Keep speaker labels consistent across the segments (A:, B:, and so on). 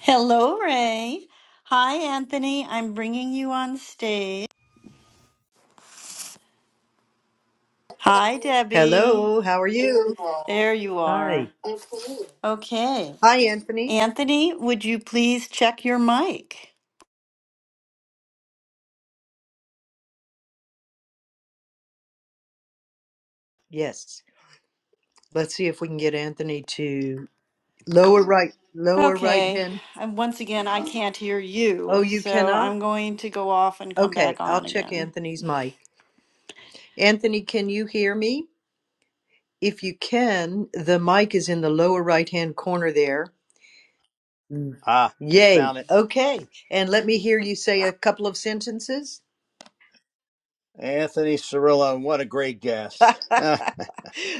A: Hello, Ray. Hi, Anthony. I'm bringing you on stage. Hi, Debbie.
B: Hello, how are you?
A: There you are.
B: Hi.
A: Okay.
B: Hi, Anthony.
A: Anthony, would you please check your mic?
B: Yes. Let's see if we can get Anthony to lower right, lower right
A: Okay.
B: hand.
A: And once again, I can't hear
B: Oh,
A: you,
B: you
A: so
B: cannot?
A: I'm going to go off and come
B: Okay,
A: back
B: I'll
A: on
B: check
A: again.
B: Anthony's mic. Anthony, can you hear me? If you can, the mic is in the lower right hand corner there. Mm.
C: Ah, just
B: Yay.
C: found it.
B: Okay. And let me hear you say a couple of sentences.
C: Anthony Cirillo, what a great guest.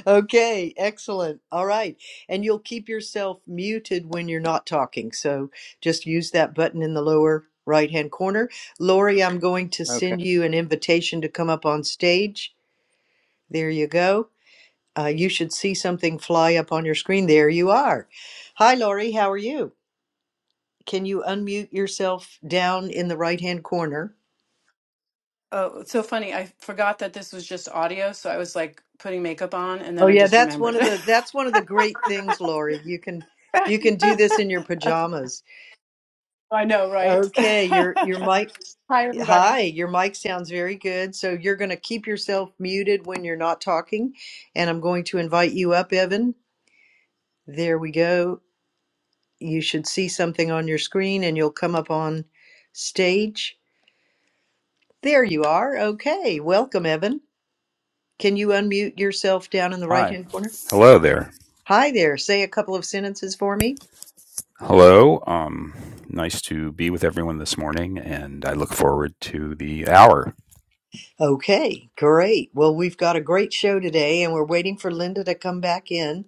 B: Okay, excellent. All right. And you'll keep yourself muted when you're not talking. So just use that button in the lower right hand corner. Lori, I'm going to
C: Ah, okay.
B: send you an invitation to come up on stage. There you go. Uh, you should see something fly up on your screen. There you are. Hi, Lori. How are you? Can you unmute yourself down in the right hand corner?
D: Oh, it's so funny. I forgot that this was just audio, so I was like putting makeup on and
B: Oh
D: then I
B: yeah,
D: just
B: that's one
D: remembered.
B: of the that's one of the great things, Lori. You can you can do this in your pajamas.
D: I know, right?
B: Okay, your
D: Hi,
B: your mic
D: everybody.
B: Hi, your mic sounds very good. So you're going to keep yourself muted when you're not talking. And I'm going to invite you up, Evan. There we go. You should see something on your screen and you'll come up on stage. There you are. Okay. Welcome, Evan. Can you unmute yourself down in the right
E: Hi.
B: hand corner?
E: Hello there.
B: Hi there. Say a couple of sentences for me.
E: Hello. Um, nice to be with everyone this morning, and I look forward to the hour.
B: Okay, great. Well, we've got a great show today and we're waiting for Linda to come back in.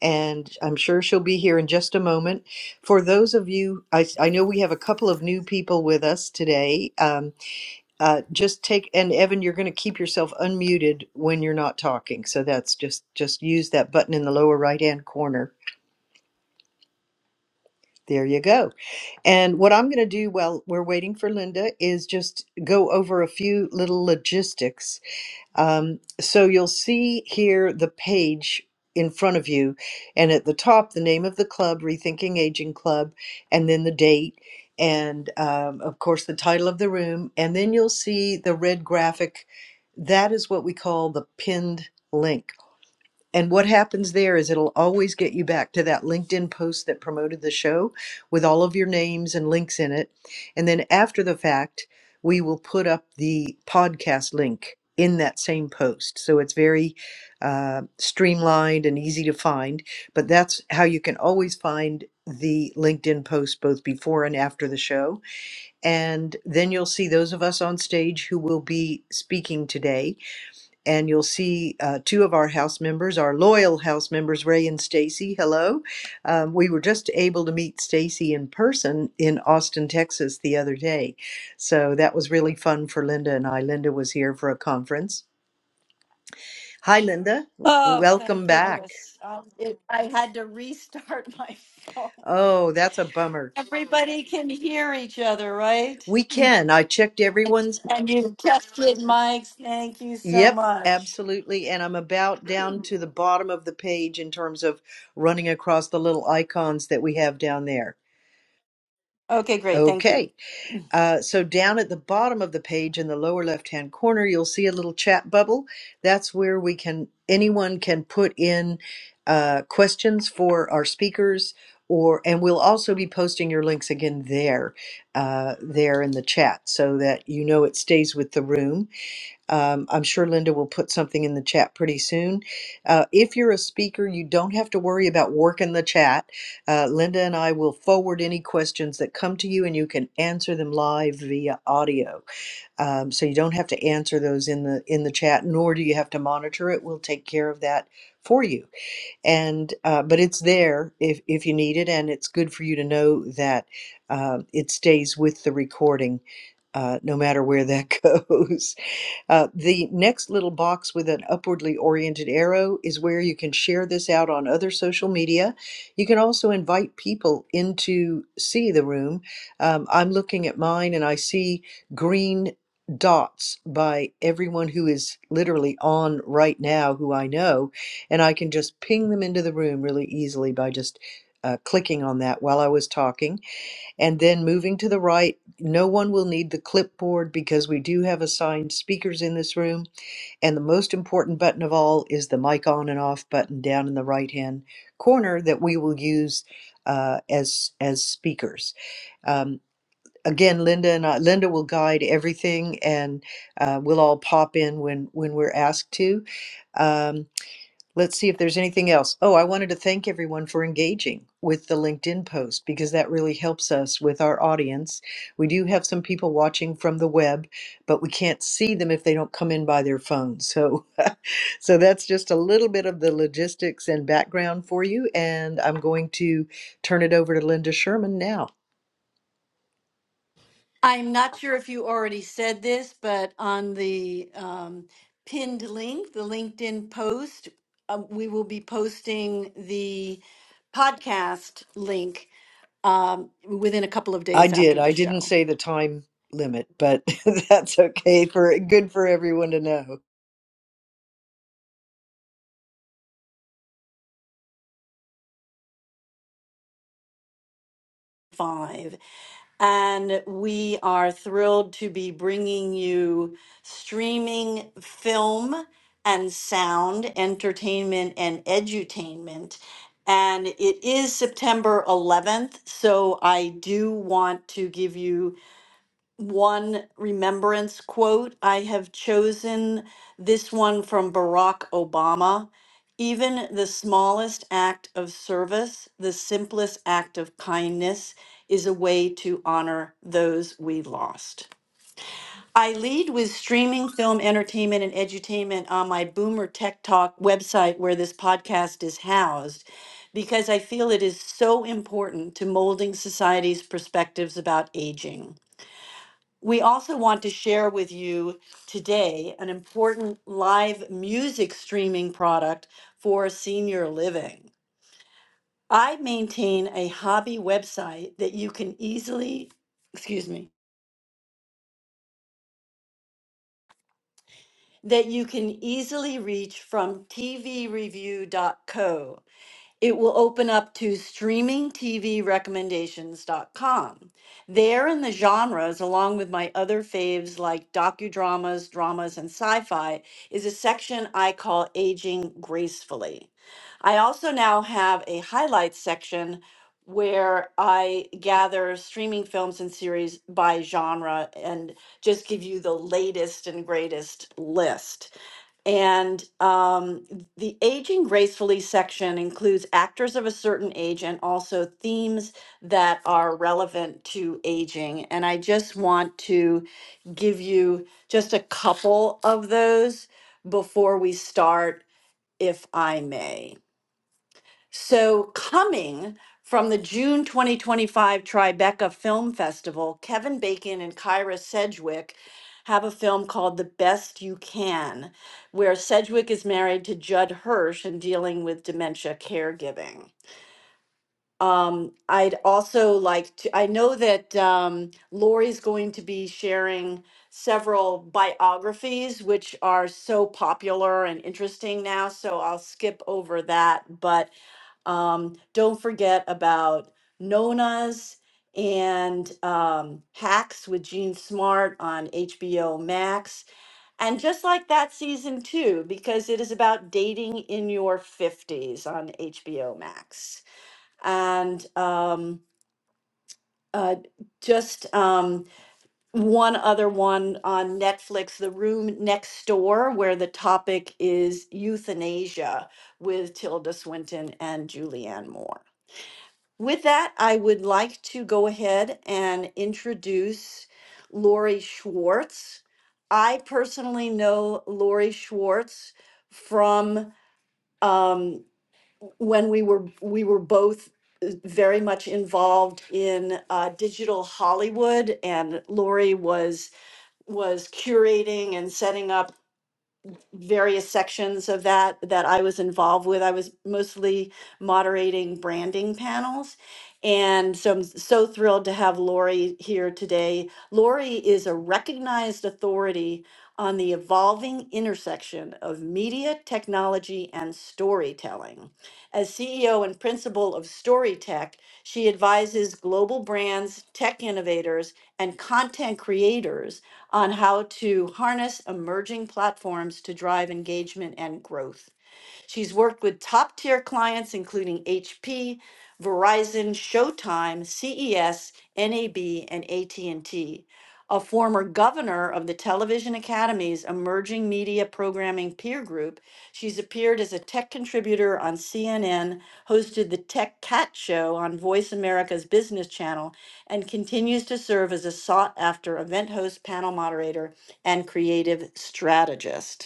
B: and I'm sure she'll be here in just a moment. For those of you, I, I know we have a couple of new people with us today. Um, uh, just take and Evan, you're going to keep yourself unmuted when you're not talking. So that's just just use that button in the lower right hand corner. There you go. And what I'm going to do while we're waiting for Linda is just go over a few little logistics Um, so you'll see here the page in front of you, and at the top, the name of the club, Rethinking Aging Club, and then the date, and um, of course, the title of the room. And then you'll see the red graphic. That is what we call the pinned link. And what happens there is it'll always get you back to that LinkedIn post that promoted the show with all of your names and links in it. And then after the fact, we will put up the podcast link in that same post. So it's very uh, streamlined and easy to find. But that's how you can always find the LinkedIn post both before and after the show. And then you'll see those of us on stage who will be speaking today and you'll see uh, two of our house members, our loyal house members, Ray and Stacy. Hello. Um, we were just able to meet Stacy in person in Austin, Texas the other day. So that was really fun for Linda and I. Linda was here for a conference. Hi, Linda.
A: Oh,
B: Welcome
A: thank
B: back.
A: goodness. Um, it, I had to restart my phone.
B: Oh, that's a bummer.
A: Everybody can hear each other, right?
B: We can. I checked everyone's.
A: And, you've tested Mike's. Thank you so
B: Yep,
A: much.
B: absolutely. And I'm about down to the bottom of the page in terms of running across the little icons that we have down there.
A: Okay, great. Thank you.
B: Okay. Uh, so down at the bottom of the page in the lower left hand corner, you'll see a little chat bubble. That's where we can anyone can put in uh, questions for our speakers, or and we'll also be posting your links again there, uh, there in the chat, so that you know it stays with the room um, I'm sure Linda will put something in the chat pretty soon. Uh, if you're a speaker, you don't have to worry about working the chat. Uh, Linda and I will forward any questions that come to you, and you can answer them live via audio. Um, so you don't have to answer those in the in the chat, nor do you have to monitor it. We'll take care of that for you. And uh, but it's there if if you need it, and it's good for you to know that uh, it stays with the recording, uh, no matter where that goes. Uh, the next little box with an upwardly oriented arrow is where you can share this out on other social media. You can also invite people in to see the room. Um, I'm looking at mine and I see green dots by everyone who is literally on right now who I know. And I can just ping them into the room really easily by just uh, clicking on that while I was talking. And then moving to the right, no one will need the clipboard because we do have assigned speakers in this room. And the most important button of all is the mic on and off button down in the right hand corner that we will use uh, as as speakers. Um, again, Linda and I, Linda will guide everything, and uh, we'll all pop in when when we're asked to. Um, Let's see if there's anything else. Oh, I wanted to thank everyone for engaging with the LinkedIn post because that really helps us with our audience. We do have some people watching from the web, but we can't see them if they don't come in by their phone. So so that's just a little bit of the logistics and background for you and I'm going to turn it over to Linda Sherman now.
A: I'm not sure if you already said this, but on the um, pinned link, the LinkedIn post, uh, we will be posting the podcast link um, within a couple of
B: I
A: days
B: did.
A: after the
B: I didn't
A: show.
B: say the time limit, but that's okay for good for everyone to know.
A: Five. And we are thrilled to be bringing you streaming film and sound entertainment and edutainment. And it is September 11th, so I do want to give you one remembrance quote. I have chosen this one from Barack Obama. Even the smallest act of service, the simplest act of kindness, is a way to honor those we lost. I lead with streaming film entertainment and edutainment on my Boomer Tech Talk website where this podcast is housed because I feel it is so important to molding society's perspectives about aging. We also want to share with you today an important live music streaming product for senior living. I maintain a hobby website that you can easily, excuse me, that you can easily reach from tvreview.co. It will open up to streaming t v recommendations dot com. There in the genres, along with my other faves like docudramas, dramas, and sci fi, is a section I call Aging Gracefully. I also now have a highlights section where I gather streaming films and series by genre and just give you the latest and greatest list. And um, the aging gracefully section includes actors of a certain age and also themes that are relevant to aging. And I just want to give you just a couple of those before we start, if I may. So, coming from the June 2025 Tribeca Film Festival, Kevin Bacon and Kyra Sedgwick have a film called The Best You Can, where Sedgwick is married to Judd Hirsch and dealing with dementia caregiving. Um, I'd also like to, I know that um, Lori's going to be sharing several biographies, which are so popular and interesting now. So I'll skip over that. But um, don't forget about Nona's and um, Hacks with Gene Smart on HBO Max. And just like that season two, because it is about dating in your 50s on HBO Max. And um, uh, just um, one other one on Netflix, The Room Next Door, where the topic is euthanasia with Tilda Swinton and Julianne Moore. With that, I would like to go ahead and introduce Lori Schwartz. I personally know Lori Schwartz from um, when we were we were both uh, very much involved in uh, digital Hollywood, and Lori was was curating and setting up various sections of that that I was involved with. I was mostly moderating branding panels. And so I'm so thrilled to have Lori here today. Lori is a recognized authority on the evolving intersection of media, technology, and storytelling. As CEO and principal of Storytech, she advises global brands, tech innovators, and content creators on how to harness emerging platforms to drive engagement and growth. She's worked with top tier clients, including HP, Verizon, Showtime, CES, NAB, and AT&T. A former governor of the Television Academy's Emerging Media Programming Peer Group, she's appeared as a tech contributor on CNN, hosted the Tech Cat Show on Voice America's Business Channel, and continues to serve as a sought after event host, panel moderator, and creative strategist.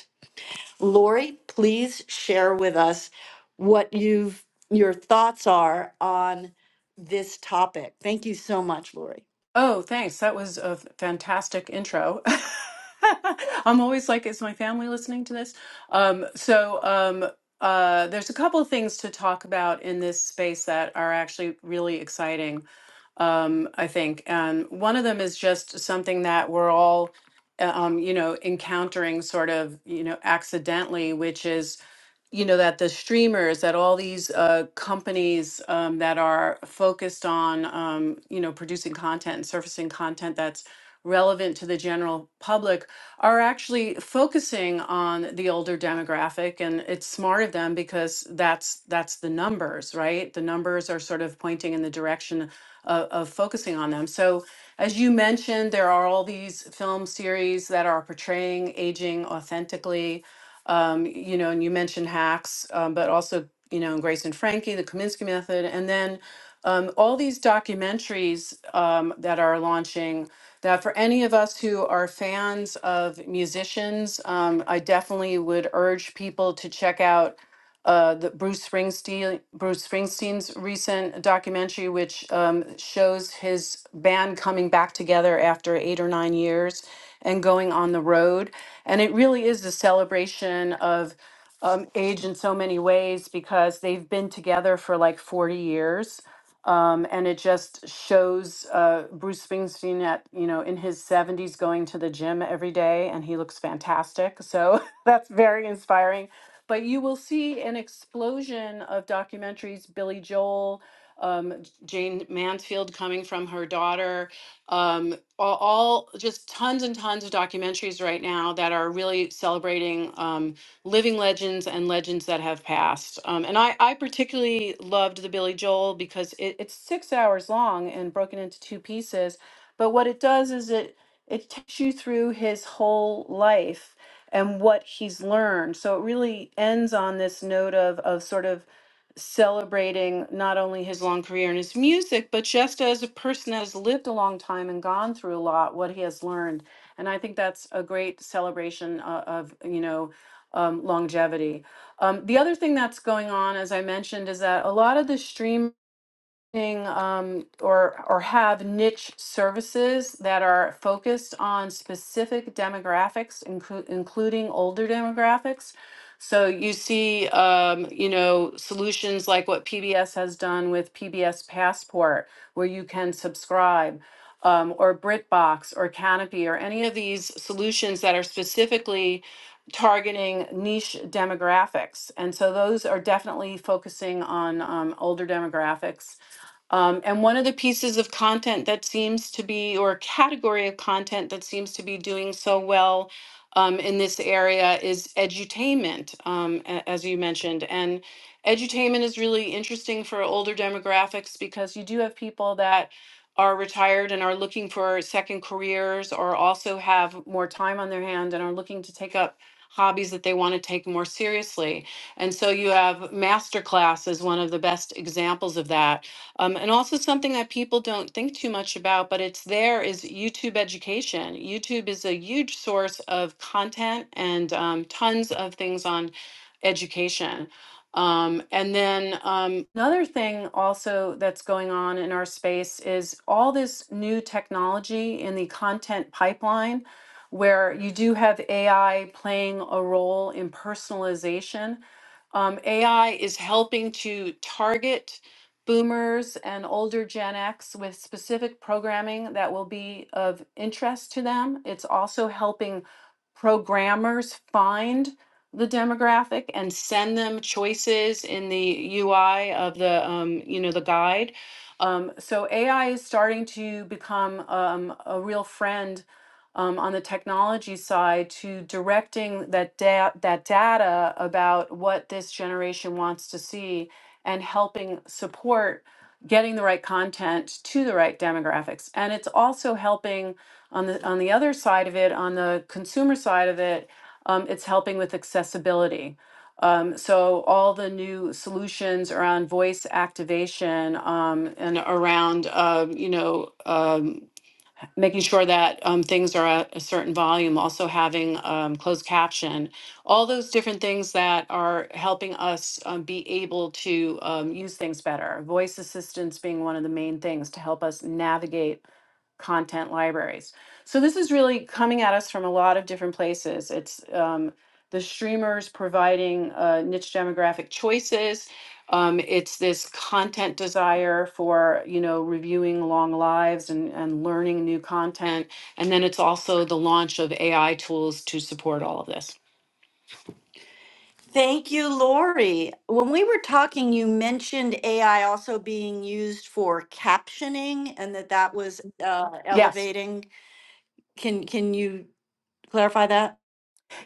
A: Lori, please share with us what you've your thoughts are on this topic. Thank you so much, Lori.
D: Oh, thanks. That was a fantastic intro. I'm always like, is my family listening to this? Um, so, um, uh, there's a couple of things to talk about in this space that are actually really exciting. um, I think. And one of them is just something that we're all, uh, um, you know, encountering sort of, you know, accidentally, which is you know that the streamers that all these uh, companies um, that are focused on um, you know producing content and surfacing content that's relevant to the general public are actually focusing on the older demographic and it's smart of them because that's that's the numbers right the numbers are sort of pointing in the direction of, of focusing on them so as you mentioned there are all these film series that are portraying aging authentically um, you know, and you mentioned hacks, um, but also, you know, Grace and Frankie, the Kaminsky Method, and then um, all these documentaries um, that are launching. That for any of us who are fans of musicians, um, I definitely would urge people to check out uh, the Bruce Springsteen Bruce Springsteen's recent documentary, which um, shows his band coming back together after eight or nine years and going on the road, and it really is a celebration of um, age in so many ways because they've been together for like forty years. Um, and it just shows uh, Bruce Springsteen at you know in his 70s going to the gym every day, and he looks fantastic. So that's very inspiring but you will see an explosion of documentaries, Billy Joel, um, Jane Mansfield coming from her daughter, um, all, all just tons and tons of documentaries right now that are really celebrating um, living legends and legends that have passed. Um, and I, I particularly loved the Billy Joel because it, it's six hours long and broken into two pieces. But what it does is it it takes you through his whole life and what he's learned. So it really ends on this note of of sort of celebrating not only his long career in his music, but just as a person that has lived a long time and gone through a lot, what he has learned. And I think that's a great celebration uh, of you know um, longevity. Um, the other thing that's going on, as I mentioned, is that a lot of the streamers um, or or have niche services that are focused on specific demographics, inclu- including older demographics. So you see, um, you know, solutions like what PBS has done with PBS Passport, where you can subscribe, um, or BritBox or Canopy or any of these solutions that are specifically targeting niche demographics. And so those are definitely focusing on um, older demographics um, and one of the pieces of content that seems to be, or a category of content that seems to be doing so well um, in this area is edutainment, um, a- as you mentioned. And edutainment is really interesting for older demographics because you do have people that are retired and are looking for second careers or also have more time on their hand and are looking to take up hobbies that they want to take more seriously. And so you have masterclass as one of the best examples of that um, and also something that people don't think too much about, but it's there is YouTube education. YouTube is a huge source of content and um, tons of things on education. Um, and then um, another thing also that's going on in our space is all this new technology in the content pipeline, where you do have AI playing a role in personalization um, AI is helping to target boomers and older Gen X with specific programming that will be of interest to them. It's also helping programmers find the demographic and send them choices in the UI of the um, you know the guide. Um, so AI is starting to become um, a real friend um, on the technology side to directing that da- that data about what this generation wants to see and helping support getting the right content to the right demographics. And it's also helping on the on the other side of it, on the consumer side of it, um, it's helping with accessibility. Um, so all the new solutions around voice activation um, and around um, you know. um, making sure that um, things are at a certain volume, also having um, closed caption, all those different things that are helping us um, be able to um, use things better. Voice assistance being one of the main things to help us navigate content libraries. So this is really coming at us from a lot of different places. It's um, the streamers providing uh, niche demographic choices um, it's this content desire for, you know, reviewing long lives and, and learning new content. And then it's also the launch of AI tools to support all of this.
A: Thank you, Lori. When we were talking, you mentioned AI also being used for captioning and that that was uh,
D: Yes.
A: elevating. Can can you clarify that?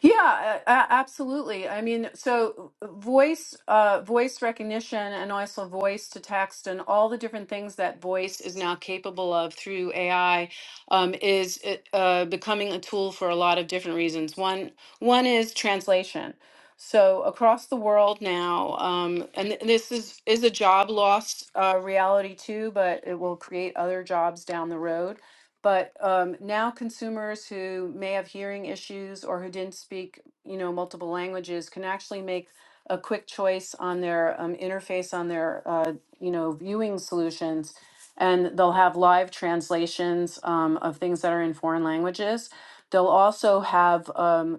D: Yeah, a- a- absolutely. I mean, so uh, voice, uh, voice recognition, and also voice to text, and all the different things that voice is now capable of through AI, um, is uh, uh, becoming a tool for a lot of different reasons. One, one is translation. So across the world now, um, and th- this is is a job loss uh, reality too, but it will create other jobs down the road but um, now consumers who may have hearing issues or who didn't speak, you know, multiple languages can actually make a quick choice on their um, interface on their, uh, you know, viewing solutions, and they'll have live translations um, of things that are in foreign languages. They'll also have um,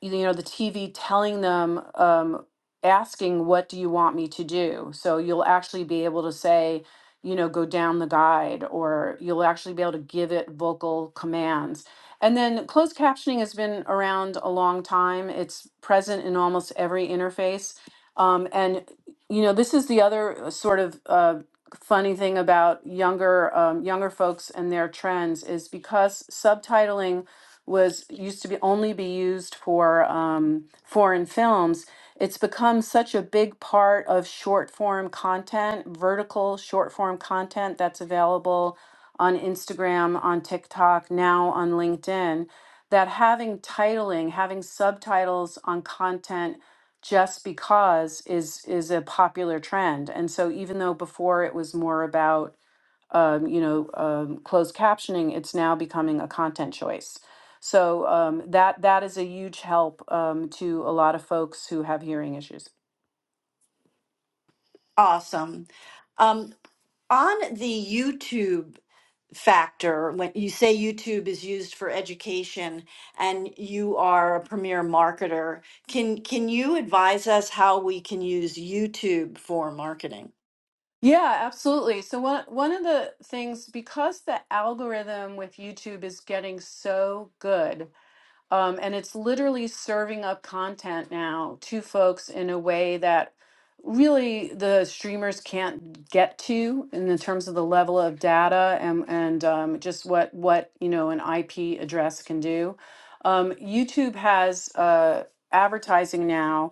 D: you know the TV telling them um asking what do you want me to do so you'll actually be able to say you know go down the guide or you'll actually be able to give it vocal commands and then closed captioning has been around a long time it's present in almost every interface um, and you know this is the other uh, sort of uh, funny thing about younger um, younger folks and their trends is because subtitling was used to be only be used for um, foreign films. It's become such a big part of short form content, vertical short form content that's available on Instagram, on TikTok, now on LinkedIn, that having titling, having subtitles on content just because is is a popular trend. And so even though before it was more about um, you know, um, closed captioning, it's now becoming a content choice. So um, that that is a huge help um, to a lot of folks who have hearing issues.
A: Awesome. Um, On the YouTube factor, when you say YouTube is used for education and you are a premier marketer, can can you advise us how we can use YouTube for marketing?
D: Yeah, absolutely. So one one of the things because the algorithm with YouTube is getting so good, Um, and it's literally serving up content now to folks in a way that really the streamers can't get to in the terms of the level of data and and um, just what what you know an IP address can do. Um, YouTube has uh, advertising now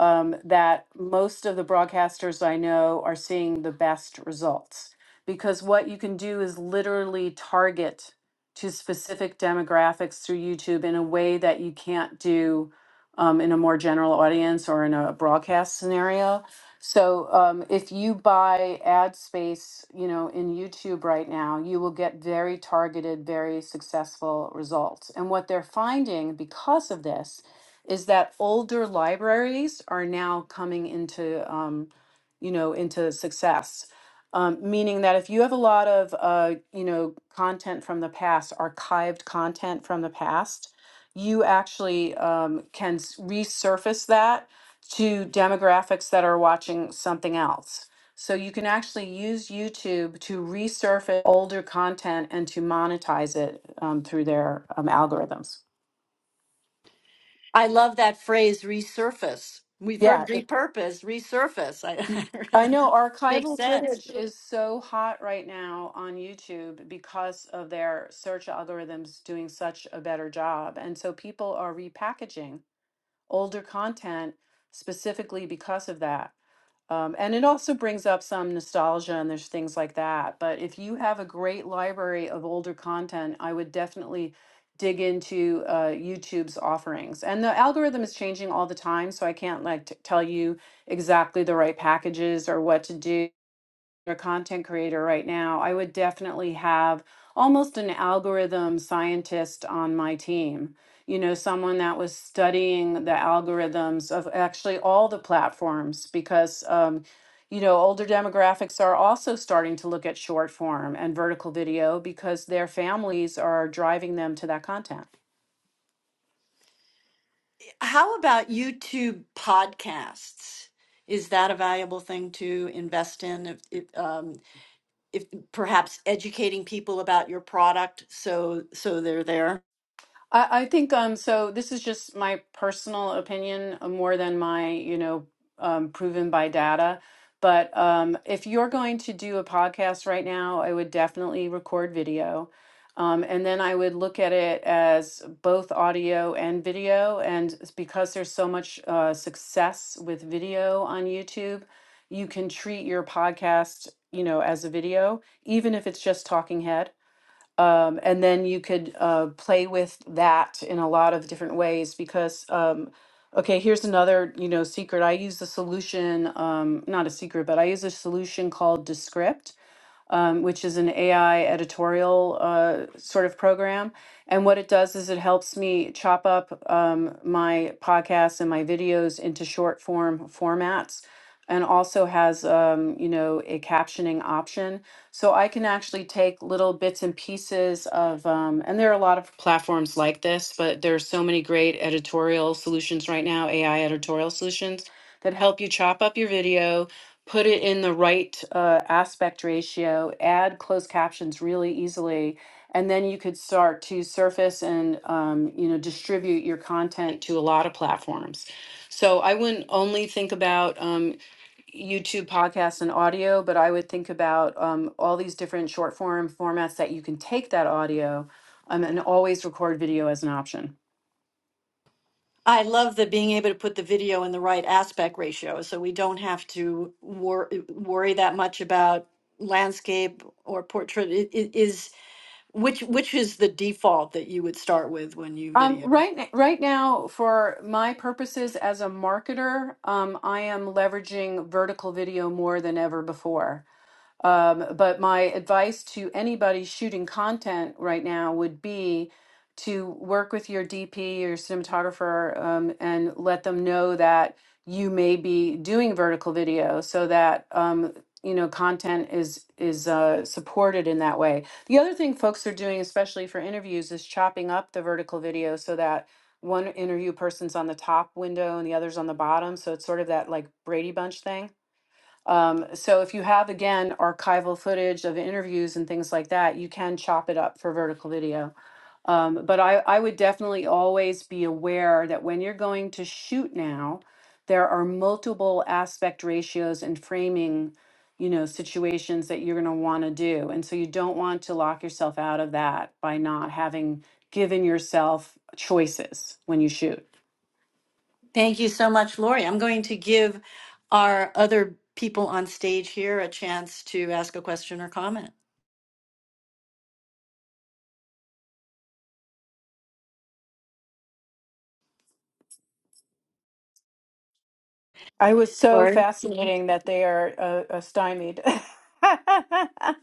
D: um, that most of the broadcasters I know are seeing the best results because what you can do is literally target to specific demographics through YouTube in a way that you can't do um, in a more general audience or in a broadcast scenario. So um, if you buy ad space, you know, in YouTube right now, you will get very targeted, very successful results. And what they're finding because of this is that older libraries are now coming into, um, you know, into success um, meaning that if you have a lot of, uh, you know, content from the past, archived content from the past, you actually um, can s- resurface that to demographics that are watching something else. So you can actually use YouTube to resurface older content and to monetize it um, through their um, algorithms.
A: I love that phrase resurface. We've heard
D: Yeah,
A: repurpose, resurface. I, I
D: I
A: really
D: know
A: makes
D: archival
A: sense.
D: footage is so hot right now on YouTube because of their search algorithms doing such a better job. And so people are repackaging older content specifically because of that. Um, and it also brings up some nostalgia and there's things like that. But if you have a great library of older content, I would definitely dig into uh, YouTube's offerings. And the algorithm is changing all the time, so I can't like t- tell you exactly the right packages or what to do a content creator right now, I would definitely have almost an algorithm scientist on my team. You know, someone that was studying the algorithms of actually all the platforms because, um, you know, older demographics are also starting to look at short form and vertical video because their families are driving them to that content.
A: How about YouTube podcasts? Is that a valuable thing to invest in? If, if, um, if perhaps educating people about your product so so they're there
D: I, I think um so this is just my personal opinion uh, more than my, you know, um, proven by data. But um, if you're going to do a podcast right now, I would definitely record video. Um, and then I would look at it as both audio and video. And s- because there's so much uh, success with video on YouTube, you can treat your podcast, you know, as a video, even if it's just talking head um, and then you could uh, play with that in a lot of different ways because, um, okay, here's another, you know, secret. I use a solution, um, not a secret, but I use a solution called Descript um, which is an AI editorial uh, sort of program. And what it does is it helps me chop up um, my podcasts and my videos into short form formats and also has um, you know a captioning option so i can actually take little bits and pieces of um, and there are a lot of platforms like this but there are so many great editorial solutions right now ai editorial solutions that help you chop up your video put it in the right uh, aspect ratio, add closed captions really easily, and then you could start to surface and um, you know distribute your content to a lot of platforms. So I wouldn't only think about um, YouTube podcasts and audio, but I would think about um, all these different short form formats that you can take that audio um, and always record video as an option.
A: i love the being able to put the video in the right aspect ratio so we don't have to wor- worry that much about landscape or portrait it, it is which which is the default that you would start with when you
D: Um,
A: video
D: right, right now, for my purposes as a marketer, um, I am leveraging vertical video more than ever before. Um, but my advice to anybody shooting content right now would be to work with your DP, your cinematographer, um, and let them know that you may be doing vertical video so that um, you know content is is uh, supported in that way. The other thing folks are doing, especially for interviews, is chopping up the vertical video so that one interview person's on the top window and the other's on the bottom. So it's sort of that like Brady Bunch thing um, so if you have again archival footage of interviews and things like that, you can chop it up for vertical video. Um, but I, I would definitely always be aware that when you're going to shoot now, there are multiple aspect ratios and framing, you know, situations that you're going to want to do. And so you don't want to lock yourself out of that by not having given yourself choices when you shoot.
A: thank you so much lori i'm going to give our other people on stage here a chance to ask a question or comment
D: I was so
A: Lori?
D: fascinating that they are uh, uh, stymied.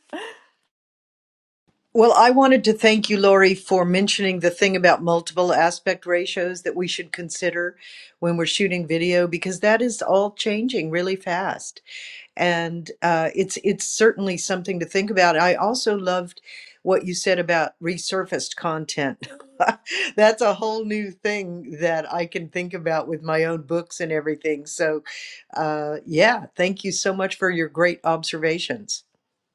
B: Well, I wanted to thank you, Lori, for mentioning the thing about multiple aspect ratios that we should consider when we're shooting video because that is all changing really fast, and uh, it's it's certainly something to think about. I also loved what you said about resurfaced content. That's a whole new thing that I can think about with my own books and everything. So, uh, yeah, thank you so much for your great observations.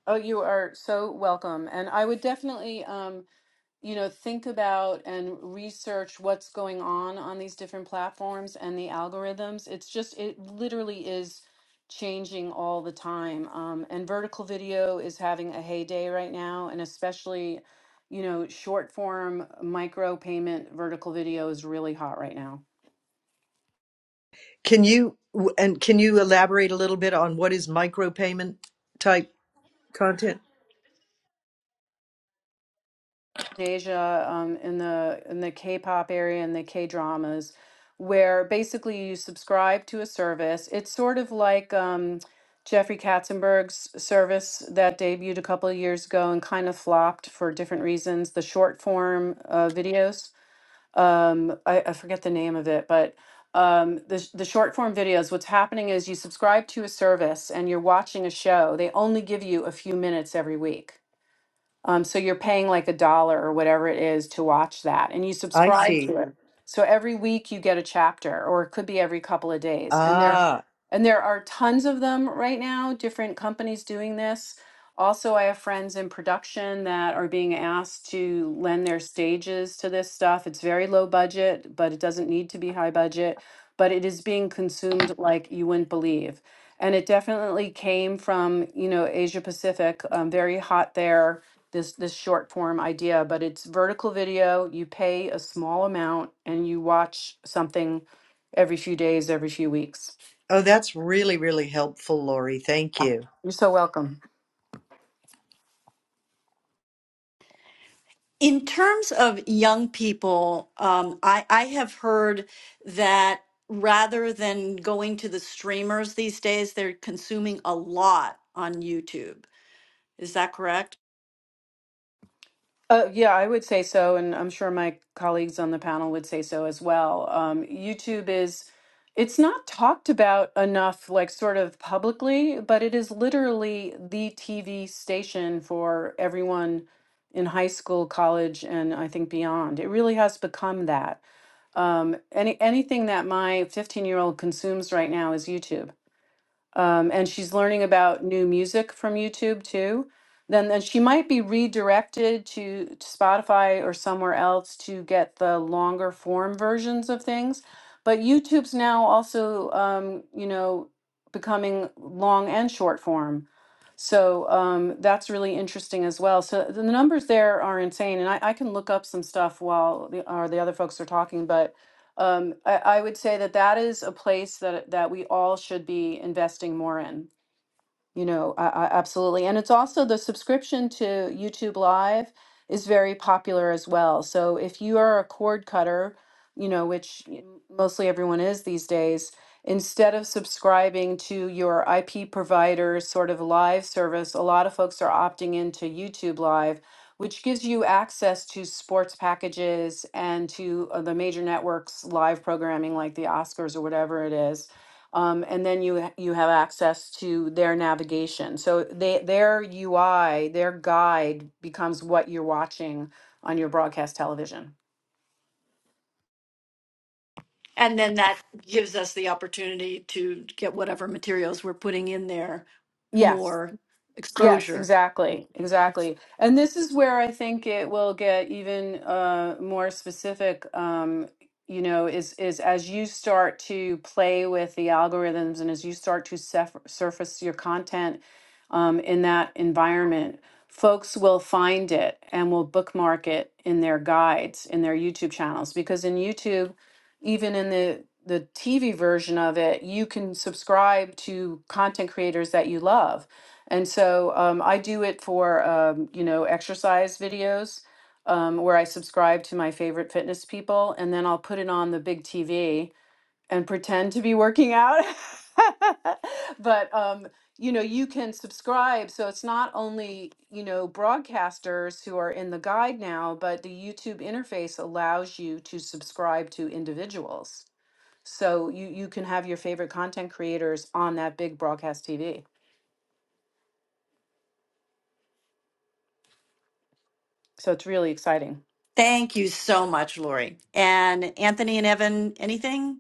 D: Oh, you are so welcome. And I would definitely, um, you know, think about and research what's going on on these different platforms and the algorithms. It's just, it literally is changing all the time. Um, and vertical video is having a heyday right now, and especially, you know, short form micro payment vertical video is really hot right now.
B: Can you and can you elaborate a little bit on what is micropayment type content?
D: Asia, um, in the in the K-pop area and the K-dramas, where basically you subscribe to a service. It's sort of like um, Jeffrey Katzenberg's service that debuted a couple of years ago and kind of flopped for different reasons. The short form uh, videos, um, I, I forget the name of it, but um, the sh- the short form videos. What's happening is you subscribe to a service and you're watching a show. They only give you a few minutes every week um, so you're paying like a dollar or whatever it is to watch that, and you
B: I
D: subscribe
B: see.
D: to it. So every week you get a chapter, or it could be every couple of days. And there,
B: Ah,
D: and there are tons of them right now. Different companies doing this. Also, I have friends in production that are being asked to lend their stages to this stuff. It's very low budget, but it doesn't need to be high budget. But it is being consumed like you wouldn't believe. And it definitely came from, you know, Asia Pacific, um, very hot there this this short form idea, but it's vertical video. You pay a small amount and you watch something every few days, every few weeks.
B: oh, that's really, really helpful, Lori. Thank you.
D: You're so welcome.
A: In terms of young people, um, I, I have heard that rather than going to the streamers these days, they're consuming a lot on YouTube. Is that correct?
D: Uh, yeah, I would say so, and I'm sure my colleagues on the panel would say so as well. Um, YouTube is, it's not talked about enough, like sort of publicly, but it is literally the TV station for everyone in high school, college, and I think beyond. It really has become that. Um, any anything that my 15 year old consumes right now is YouTube um, and she's learning about new music from YouTube too, then then she might be redirected to, to Spotify or somewhere else to get the longer form versions of things. But YouTube's now also, um, you know, becoming long and short form. So um, that's really interesting as well. So the numbers there are insane, and I, I can look up some stuff while the, or the other folks are talking. But um, I, I would say that that is a place that that we all should be investing more in. You know, I, I absolutely. And it's also the subscription to YouTube Live is very popular as well. So if you are a cord cutter, you know, which y- mostly everyone is these days, instead of subscribing to your IP provider's sort of live service, a lot of folks are opting into YouTube Live, which gives you access to sports packages and to uh, the major networks' live programming like the Oscars or whatever it is um, and then you ha- you have access to their navigation. So they, their UI, their guide becomes what you're watching on your broadcast television.
A: And then that gives us the opportunity to get whatever materials we're putting in there
D: Yes.
A: more
D: Yes,
A: exposure.
D: exactly, exactly. And this is where I think it will get even uh, more specific. Um, you know, is is as you start to play with the algorithms and as you start to sef- surface your content um, in that environment, folks will find it and will bookmark it in their guides, in their YouTube channels, because in YouTube, even in the the TV version of it, you can subscribe to content creators that you love and so um, I do it for, um, you know, exercise videos um, where I subscribe to my favorite fitness people, and then I'll put it on the big TV and pretend to be working out. but, um, you know, you can subscribe. So it's not only, you know, broadcasters who are in the guide now, but the YouTube interface allows you to subscribe to individuals. So you, you can have your favorite content creators on that big broadcast TV. So it's really exciting.
A: Thank you so much, Lori. And Anthony and Evan, anything?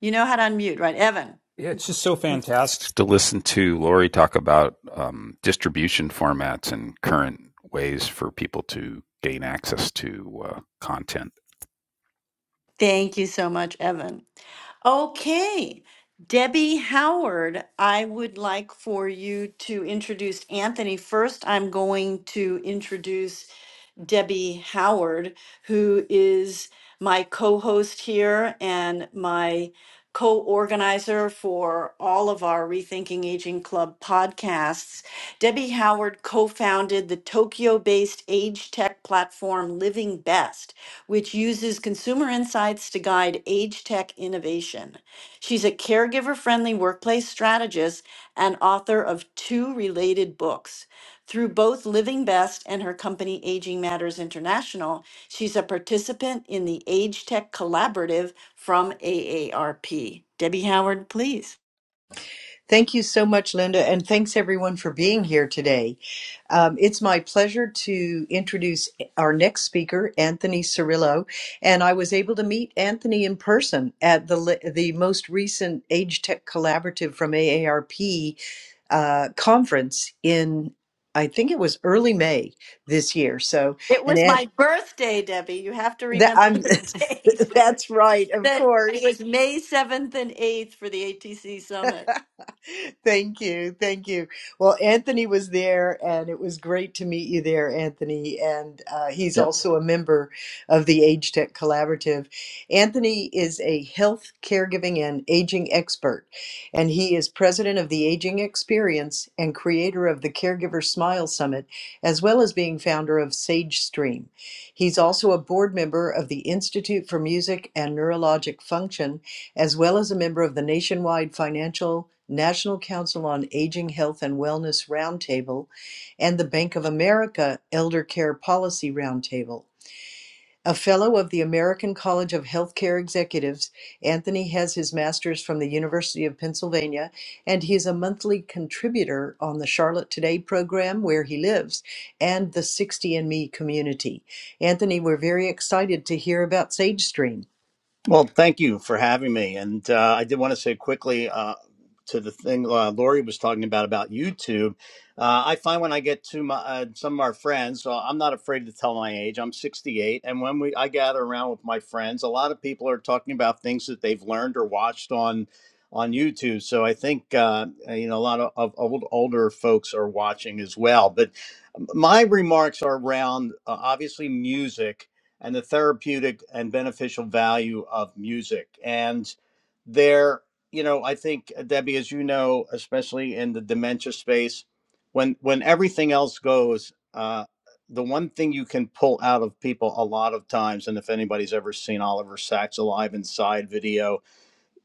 A: You know how to unmute, right? Evan.
E: Yeah, it's just so fantastic to listen to Lori talk about um, distribution formats and current ways for people to gain access to uh, content.
A: Thank you so much, Evan. Okay, Debbie Howard, I would like for you to introduce Anthony first. I'm going to introduce Debbie Howard, who is my co host here and my co organizer for all of our Rethinking Aging Club podcasts. Debbie Howard co founded the Tokyo based age tech platform Living Best, which uses consumer insights to guide age tech innovation. She's a caregiver friendly workplace strategist and author of two related books. Through both Living Best and her company Aging Matters International, she's a participant in the Age Tech Collaborative from AARP. Debbie Howard, please.
B: Thank you so much, Linda, and thanks everyone for being here today. Um, it's my pleasure to introduce our next speaker, Anthony Cirillo, and I was able to meet Anthony in person at the the most recent Age Tech Collaborative from AARP uh, conference in, I think it was early May this year. So,
A: It
B: and
A: was
B: it,
A: my birthday, Debbie. You have to
B: that
A: remember the
B: I'm,
A: date.
B: that's right, of
A: that it was
B: course.
A: May 7th and 8th for the ATC Summit.
B: Thank you. Thank you. Well, Anthony was there, and it was great to meet you there, Anthony. And uh, he's
C: Yep.
B: also a member of the Age Tech Collaborative. Anthony is a health, caregiving, and aging expert, and he is president of the Aging Experience and creator of the Caregiver Smile Summit, as well as being founder of Sage Stream. He's also a board member of the Institute for Music and Neurologic Function as well as a member of the nationwide Financial National Council on Aging Health and Wellness Roundtable and the Bank of America Elder Care Policy Roundtable. A fellow of the American College of Healthcare Executives, Anthony has his master's from the University of Pennsylvania, and he is a monthly contributor on the Charlotte Today program, where he lives, and the 60 and Me community. Anthony, we're very excited to hear about SageStream.
C: Well, thank you for having me. And uh, I did want to say quickly uh, to the thing uh, Lori was talking about about YouTube. Uh, I find when I get to my, uh, some of our friends, so I'm not afraid to tell my age. I'm 68, and when we I gather around with my friends, a lot of people are talking about things that they've learned or watched on on YouTube. So I think uh, uh, you know a lot of, of old older folks are watching as well. But my remarks are around uh, obviously music and the therapeutic and beneficial value of music. And there, you know, I think uh, Debbie, as you know, especially in the dementia space, when when everything else goes, uh, the one thing you can pull out of people a lot of times, and if anybody's ever seen Oliver Sacks' Alive Inside video,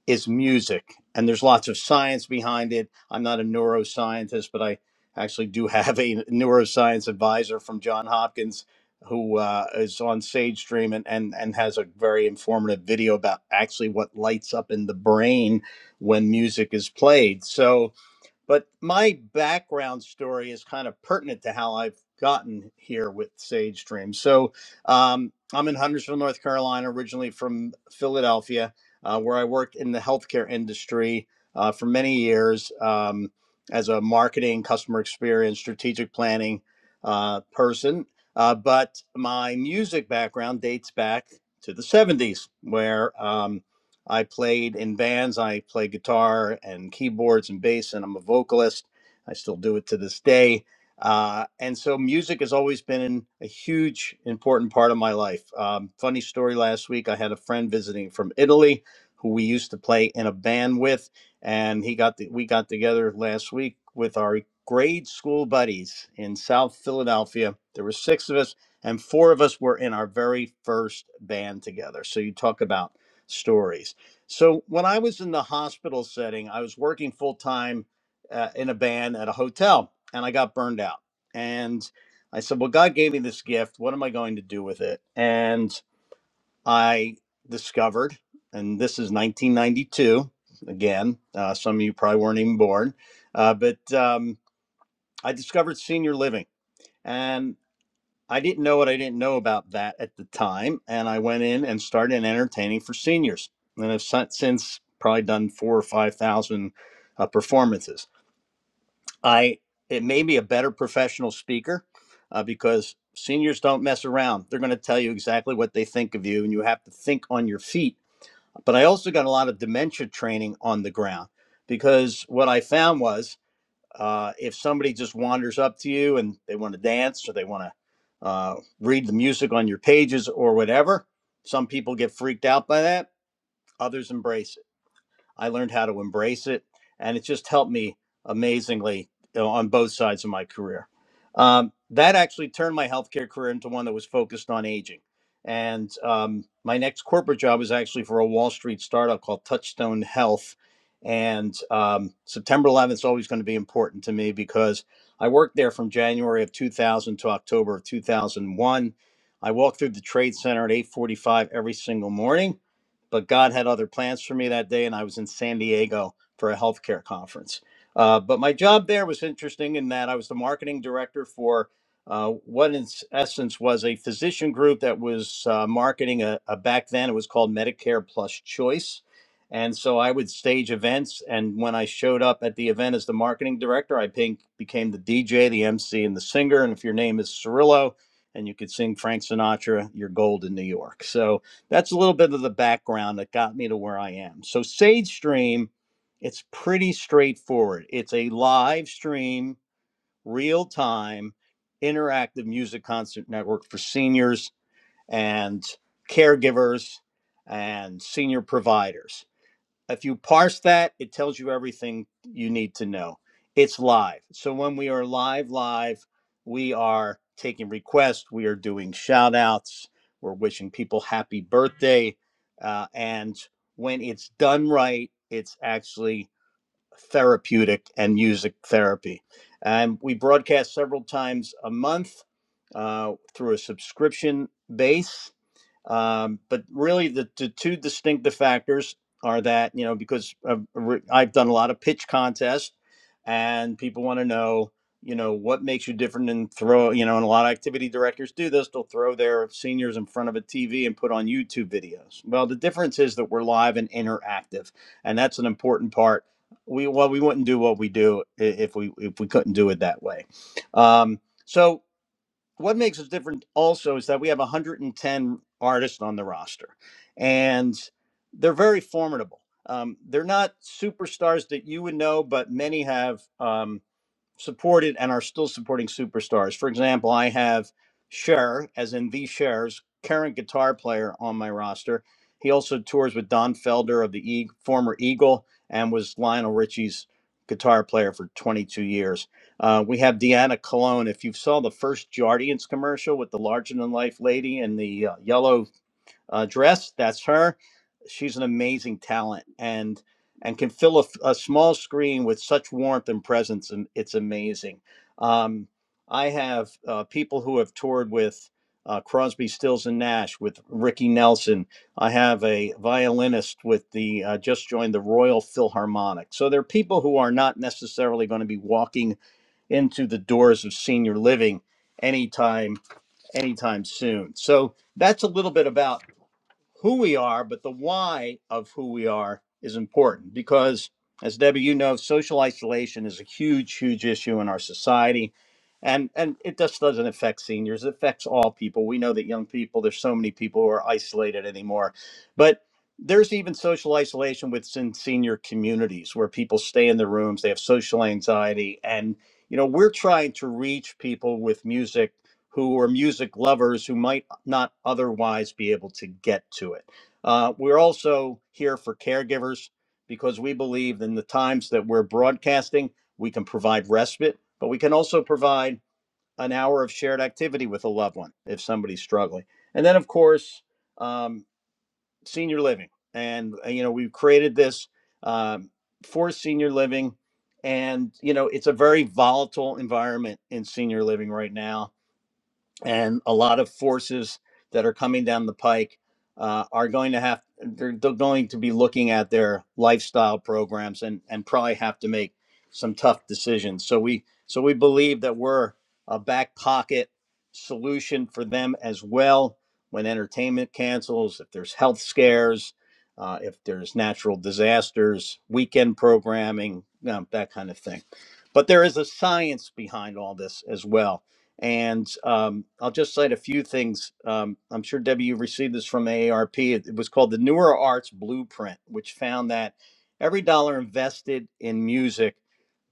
C: is music and there's lots of science behind it i'm not a neuroscientist but i actually do have a neuroscience advisor from Johns hopkins who uh, is on sage stream and, and, and has a very informative video about actually what lights up in the brain when music is played so but my background story is kind of pertinent to how I've gotten here with Sage Dream. So um, I'm in Huntersville, North Carolina, originally from Philadelphia, uh, where I worked in the healthcare industry uh, for many years um, as a marketing, customer experience, strategic planning uh, person. Uh, but my music background dates back to the 70s, where um, I played in bands. I play guitar and keyboards and bass, and I'm a vocalist. I still do it to this day. Uh, and so music has always been a huge, important part of my life. Um, funny story last week, I had a friend visiting from Italy who we used to play in a band with, and he got the, we got together last week with our grade school buddies in South Philadelphia. There were six of us, and four of us were in our very first band together. So you talk about stories. So when I was in the hospital setting, I was working full time uh, in a band at a hotel, and I got burned out. And I said, "Well, God gave me this gift. What am I going to do with it?" And I discovered, and this is 1992 again. Uh, some of you probably weren't even born, uh, but um, I discovered senior living. and. I didn't know what I didn't know about that at the time, and I went in and started entertaining for seniors, and I've si-, since probably done four or five thousand uh, performances. I it made me a better professional speaker uh, because seniors don't mess around; they're going to tell you exactly what they think of you, and you have to think on your feet. But I also got a lot of dementia training on the ground because what I found was uh, if somebody just wanders up to you and they want to dance or they want to uh, read the music on your pages or whatever, some people get freaked out by that. Others embrace it. I learned how to embrace it, and it just helped me amazingly you know, on both sides of my career. Um, that actually turned my healthcare career into one that was focused on aging. And um, my next corporate job was actually for a Wall Street startup called Touchstone Health. And um, September 11th is always going to be important to me because I worked there from January of 2000 to October of 2001. I walked through the Trade Center at 8:45 every single morning but God had other plans for me that day, and I was in San Diego for a healthcare conference. Uh, but my job there was interesting in that I was the marketing director for uh, what, in s- essence, was a physician group that was uh, marketing a, a back then it was called Medicare Plus Choice. And so I would stage events. And when I showed up at the event as the marketing director, I pink, became the DJ, the MC, and the singer. And if your name is Cirillo and you could sing Frank Sinatra, you're gold in New York. So that's a little bit of the background that got me to where I am. So Sage Stream, it's pretty straightforward. It's a live stream, real time, interactive music concert network for seniors and caregivers and senior providers. If you parse that, it tells you everything you need to know. It's live. So when we are live, live, we are taking requests, we are doing shout outs, we're wishing people happy birthday. Uh, and when it's done right, it's actually therapeutic and music therapy. And we broadcast several times a month uh, through a subscription base um, but really, the, the two distinctive factors are that, you know, because I've, I've done a lot of pitch contests and people want to know, you know, what makes you different and throw, you know, and a lot of activity directors do this. They'll throw their seniors in front of a TV and put on YouTube videos. Well, the difference is that we're live and interactive, and that's an important part. We, well, we wouldn't do what we do if we if we couldn't do it that way. Um, so what makes us different also is that we have 110 artists on the roster and they're very formidable um, they're not superstars that you would know but many have um, supported and are still supporting superstars. For example, I have Cher, as in the Cher's current guitar player on my roster. He also tours with Don Felder of the e- former Eagle and was Lionel Richie's guitar player for 22 years. Uh, we have Deanna Cologne. If you saw the first Jardiance commercial with the larger than life lady and the uh, yellow uh, dress. That's her. She's an amazing talent and and can fill a a small screen with such warmth and presence, and it's amazing. Um, I have uh, people who have toured with uh, Crosby, Stills, and Nash, with Ricky Nelson. I have a violinist with the uh, just joined the Royal Philharmonic. So there are people who are not necessarily going to be walking into the doors of senior living anytime anytime soon. So that's a little bit about who we are, but the why of who we are is important because, as Debbie, you know, social isolation is a huge, huge issue in our society. And, and it just doesn't affect seniors. It affects all people. We know that young people, there's so many people who are isolated anymore. But there's even social isolation within senior communities where people stay in their rooms, they have social anxiety. And, you know, we're trying to reach people with music who are music lovers who might not otherwise be able to get to it. Uh, we're also here for caregivers because we believe in the times that we're broadcasting, we can provide respite, but we can also provide an hour of shared activity with a loved one if somebody's struggling. And then, of course, um, senior living. And, uh, you know, we've created this um, for senior living. And, you know, it's a very volatile environment in senior living right now and a lot of forces that are coming down the pike uh, are going to have they're, they're going to be looking at their lifestyle programs and and probably have to make some tough decisions so we so we believe that we're a back pocket solution for them as well when entertainment cancels if there's health scares uh, if there's natural disasters weekend programming um, that kind of thing but there is a science behind all this as well and um, I'll just cite a few things. Um, I'm sure Debbie, you received this from AARP. It, it was called the Newer Arts Blueprint, which found that every dollar invested in music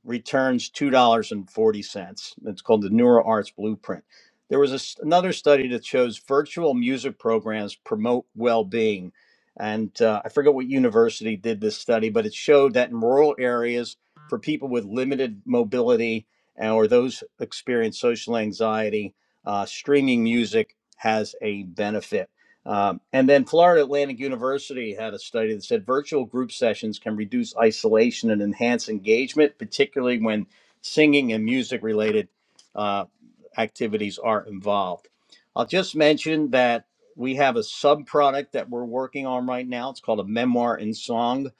C: returns $2.40. It's called the Neuro Arts Blueprint. There was a s another study that shows virtual music programs promote well being. And uh, I forget what university did this study, but it showed that in rural areas for people with limited mobility and, or those experience social anxiety, uh, streaming music has a benefit. Um, and then Florida Atlantic University had a study that said virtual group sessions can reduce isolation and enhance engagement, particularly when singing and music related uh, activities are involved. I'll just mention that we have a sub product that we're working on right now. It's called a memoir in song.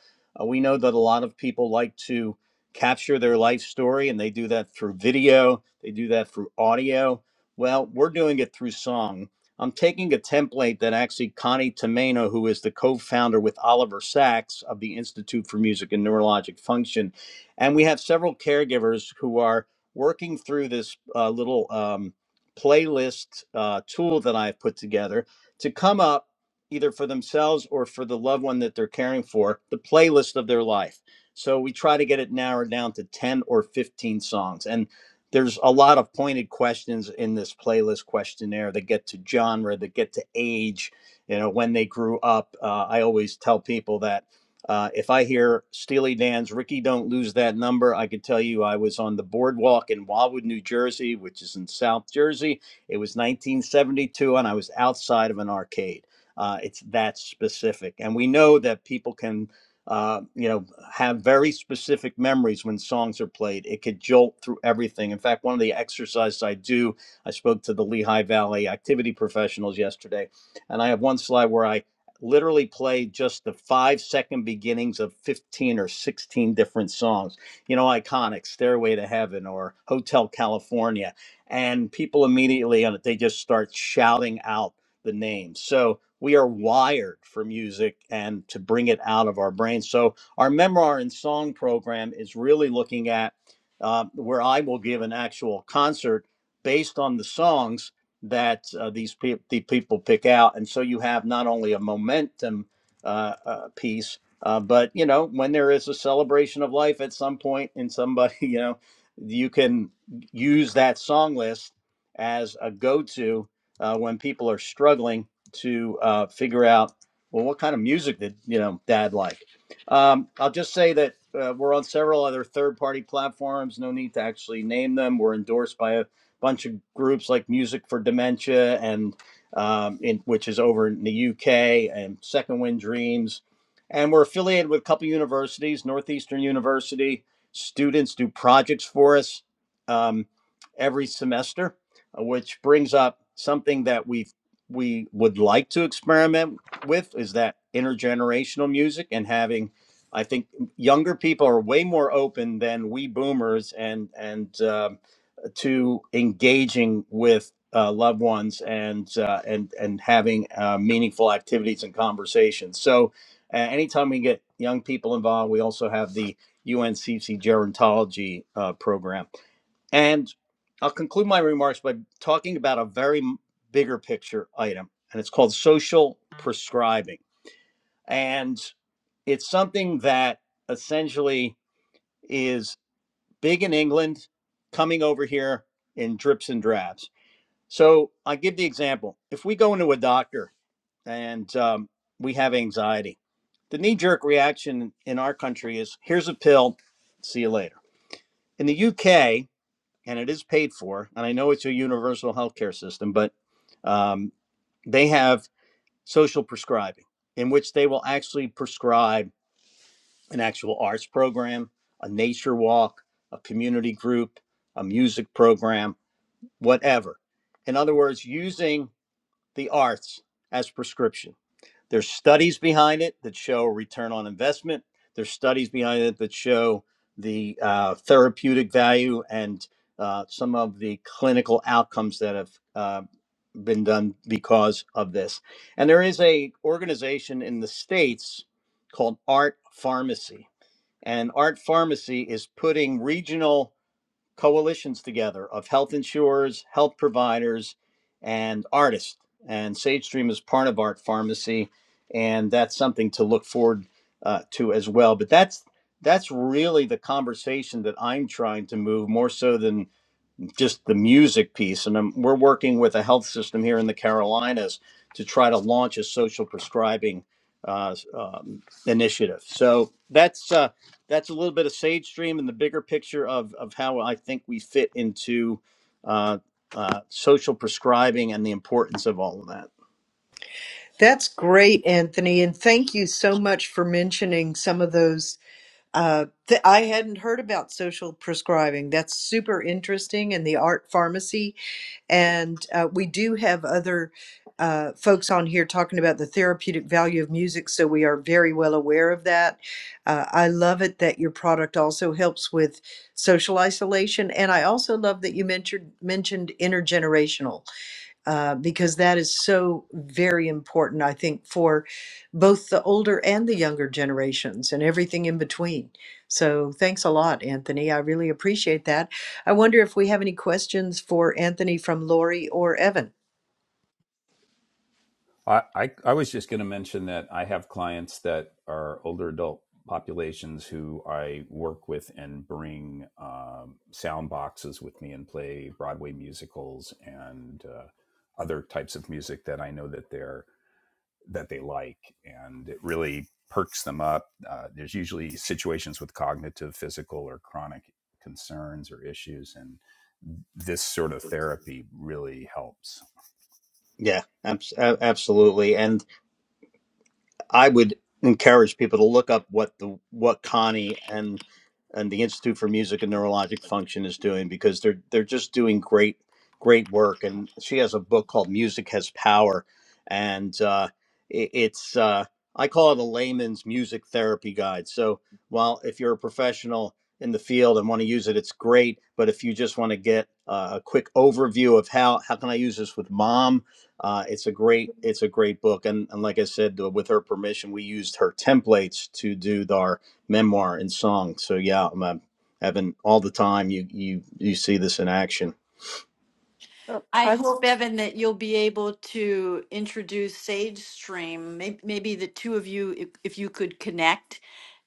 C: Uh, we know that a lot of people like to capture their life story, and they do that through video, they do that through audio. Well, we're doing it through song I'm taking a template that actually Connie Tomeno, who is the co-founder with Oliver Sacks of the Institute for Music and Neurologic Function, and we have several caregivers who are working through this uh, little um, playlist uh, tool that I've put together to come up either for themselves or for the loved one that they're caring for the playlist of their life. So we try to get it narrowed down to 10 or 15 songs. And there's a lot of pointed questions in this playlist questionnaire that get to genre, that get to age, you know, when they grew up. Uh, I always tell people that uh, if I hear Steely Dan's Ricky Don't Lose That Number, I could tell you I was on the boardwalk in Wildwood, New Jersey, which is in South Jersey. It was 1972, and I was outside of an arcade. Uh, it's that specific. And we know that people can. Uh, you know have very specific memories when songs are played. It could jolt through everything. In fact, one of the exercises I do, I spoke to the Lehigh Valley activity professionals yesterday, and I have one slide where I literally play just the five second beginnings of 15 or 16 different songs, you know, iconic Stairway to Heaven or Hotel California. And people immediately on it, they just start shouting out the names. So we are wired for music and to bring it out of our brains. So our memoir and song program is really looking at uh, where I will give an actual concert based on the songs that uh, these pe- the people pick out, and so you have not only a momentum uh, uh, piece, uh, but you know when there is a celebration of life at some point in somebody, you know, you can use that song list as a go-to uh, when people are struggling to uh, figure out well what kind of music did you know dad like um, I'll just say that uh, we're on several other third-party platforms. No need to actually name them. We're endorsed by a bunch of groups like Music for Dementia, and um, in, which is over in the UK, and Second Wind Dreams, and we're affiliated with a couple universities. Northeastern University students do projects for us um, every semester, uh, which brings up something that we we would like to experiment with is that intergenerational music and having I think younger people are way more open than we boomers and and uh, to engaging with uh, loved ones and uh, and and having uh, meaningful activities and conversations. So, uh, anytime we get young people involved, we also have the UNCC gerontology uh, program. And I'll conclude my remarks by talking about a very m- bigger picture item, and it's called social prescribing. And it's something that essentially is big in England, coming over here in drips and drabs. So I give the example. If we go into a doctor and um, we have anxiety, the knee jerk reaction in our country is here's a pill, see you later. In the UK, and it is paid for, and I know it's a universal healthcare system, but um, they have social prescribing in which they will actually prescribe an actual arts program, a nature walk, a community group, a music program, whatever. In other words, using the arts as prescription. There's studies behind it that show return on investment. There's studies behind it that show the uh, therapeutic value and uh, some of the clinical outcomes that have uh, been done because of this. And there is a organization in the states called Art Pharmacy and Art Pharmacy is putting regional coalitions together of health insurers, health providers, and artists. And SageStream is part of Art Pharmacy, and that's something to look forward uh, to as well. But that's that's really the conversation that I'm trying to move more so than just the music piece. And um we're working with a health system here in the Carolinas to try to launch a social prescribing uh, um, initiative. So that's uh, that's a little bit of Sage Stream and the bigger picture of of how I think we fit into uh, uh, social prescribing and the importance of all of that.
B: That's great, Anthony, and thank you so much for mentioning some of those. Uh, th- I hadn't heard about social prescribing. That's super interesting, and the art pharmacy. And uh, we do have other uh, folks on here talking about the therapeutic value of music, so we are very well aware of that. Uh, I love it that your product also helps with social isolation, and I also love that you mentioned mentioned intergenerational uh, because that is so very important, I think, for both the older and the younger generations and everything in between. So thanks a lot, Anthony. I really appreciate that. I wonder if we have any questions for Anthony from Lori or Evan.
E: I, I, I was just going to mention that I have clients that are older adult populations who I work with and bring um, sound boxes with me and play Broadway musicals and uh, other types of music that I know that they're that they like, and it really perks them up. Uh, there's usually situations with cognitive, physical, or chronic concerns or issues, and this sort of therapy really helps.
C: Yeah, abs- a- absolutely. And I would encourage people to look up what the what Connie and and the Institute for Music and Neurologic Function is doing because they're they're just doing great great work. And she has a book called Music Has Power, and uh, it, it's uh, I call it a layman's music therapy guide. So while if you're a professional in the field and want to use it, it's great. But if you just want to get uh, a quick overview of how how can I use this with mom, uh, it's a great it's a great book. And and like I said, with her permission, we used her templates to do our memoir and song. So yeah, I'm uh, having all the time. You you you see this in action.
A: I hope, Evan, that you'll be able to introduce Sage Stream. Maybe, maybe the two of you, if, if you could connect,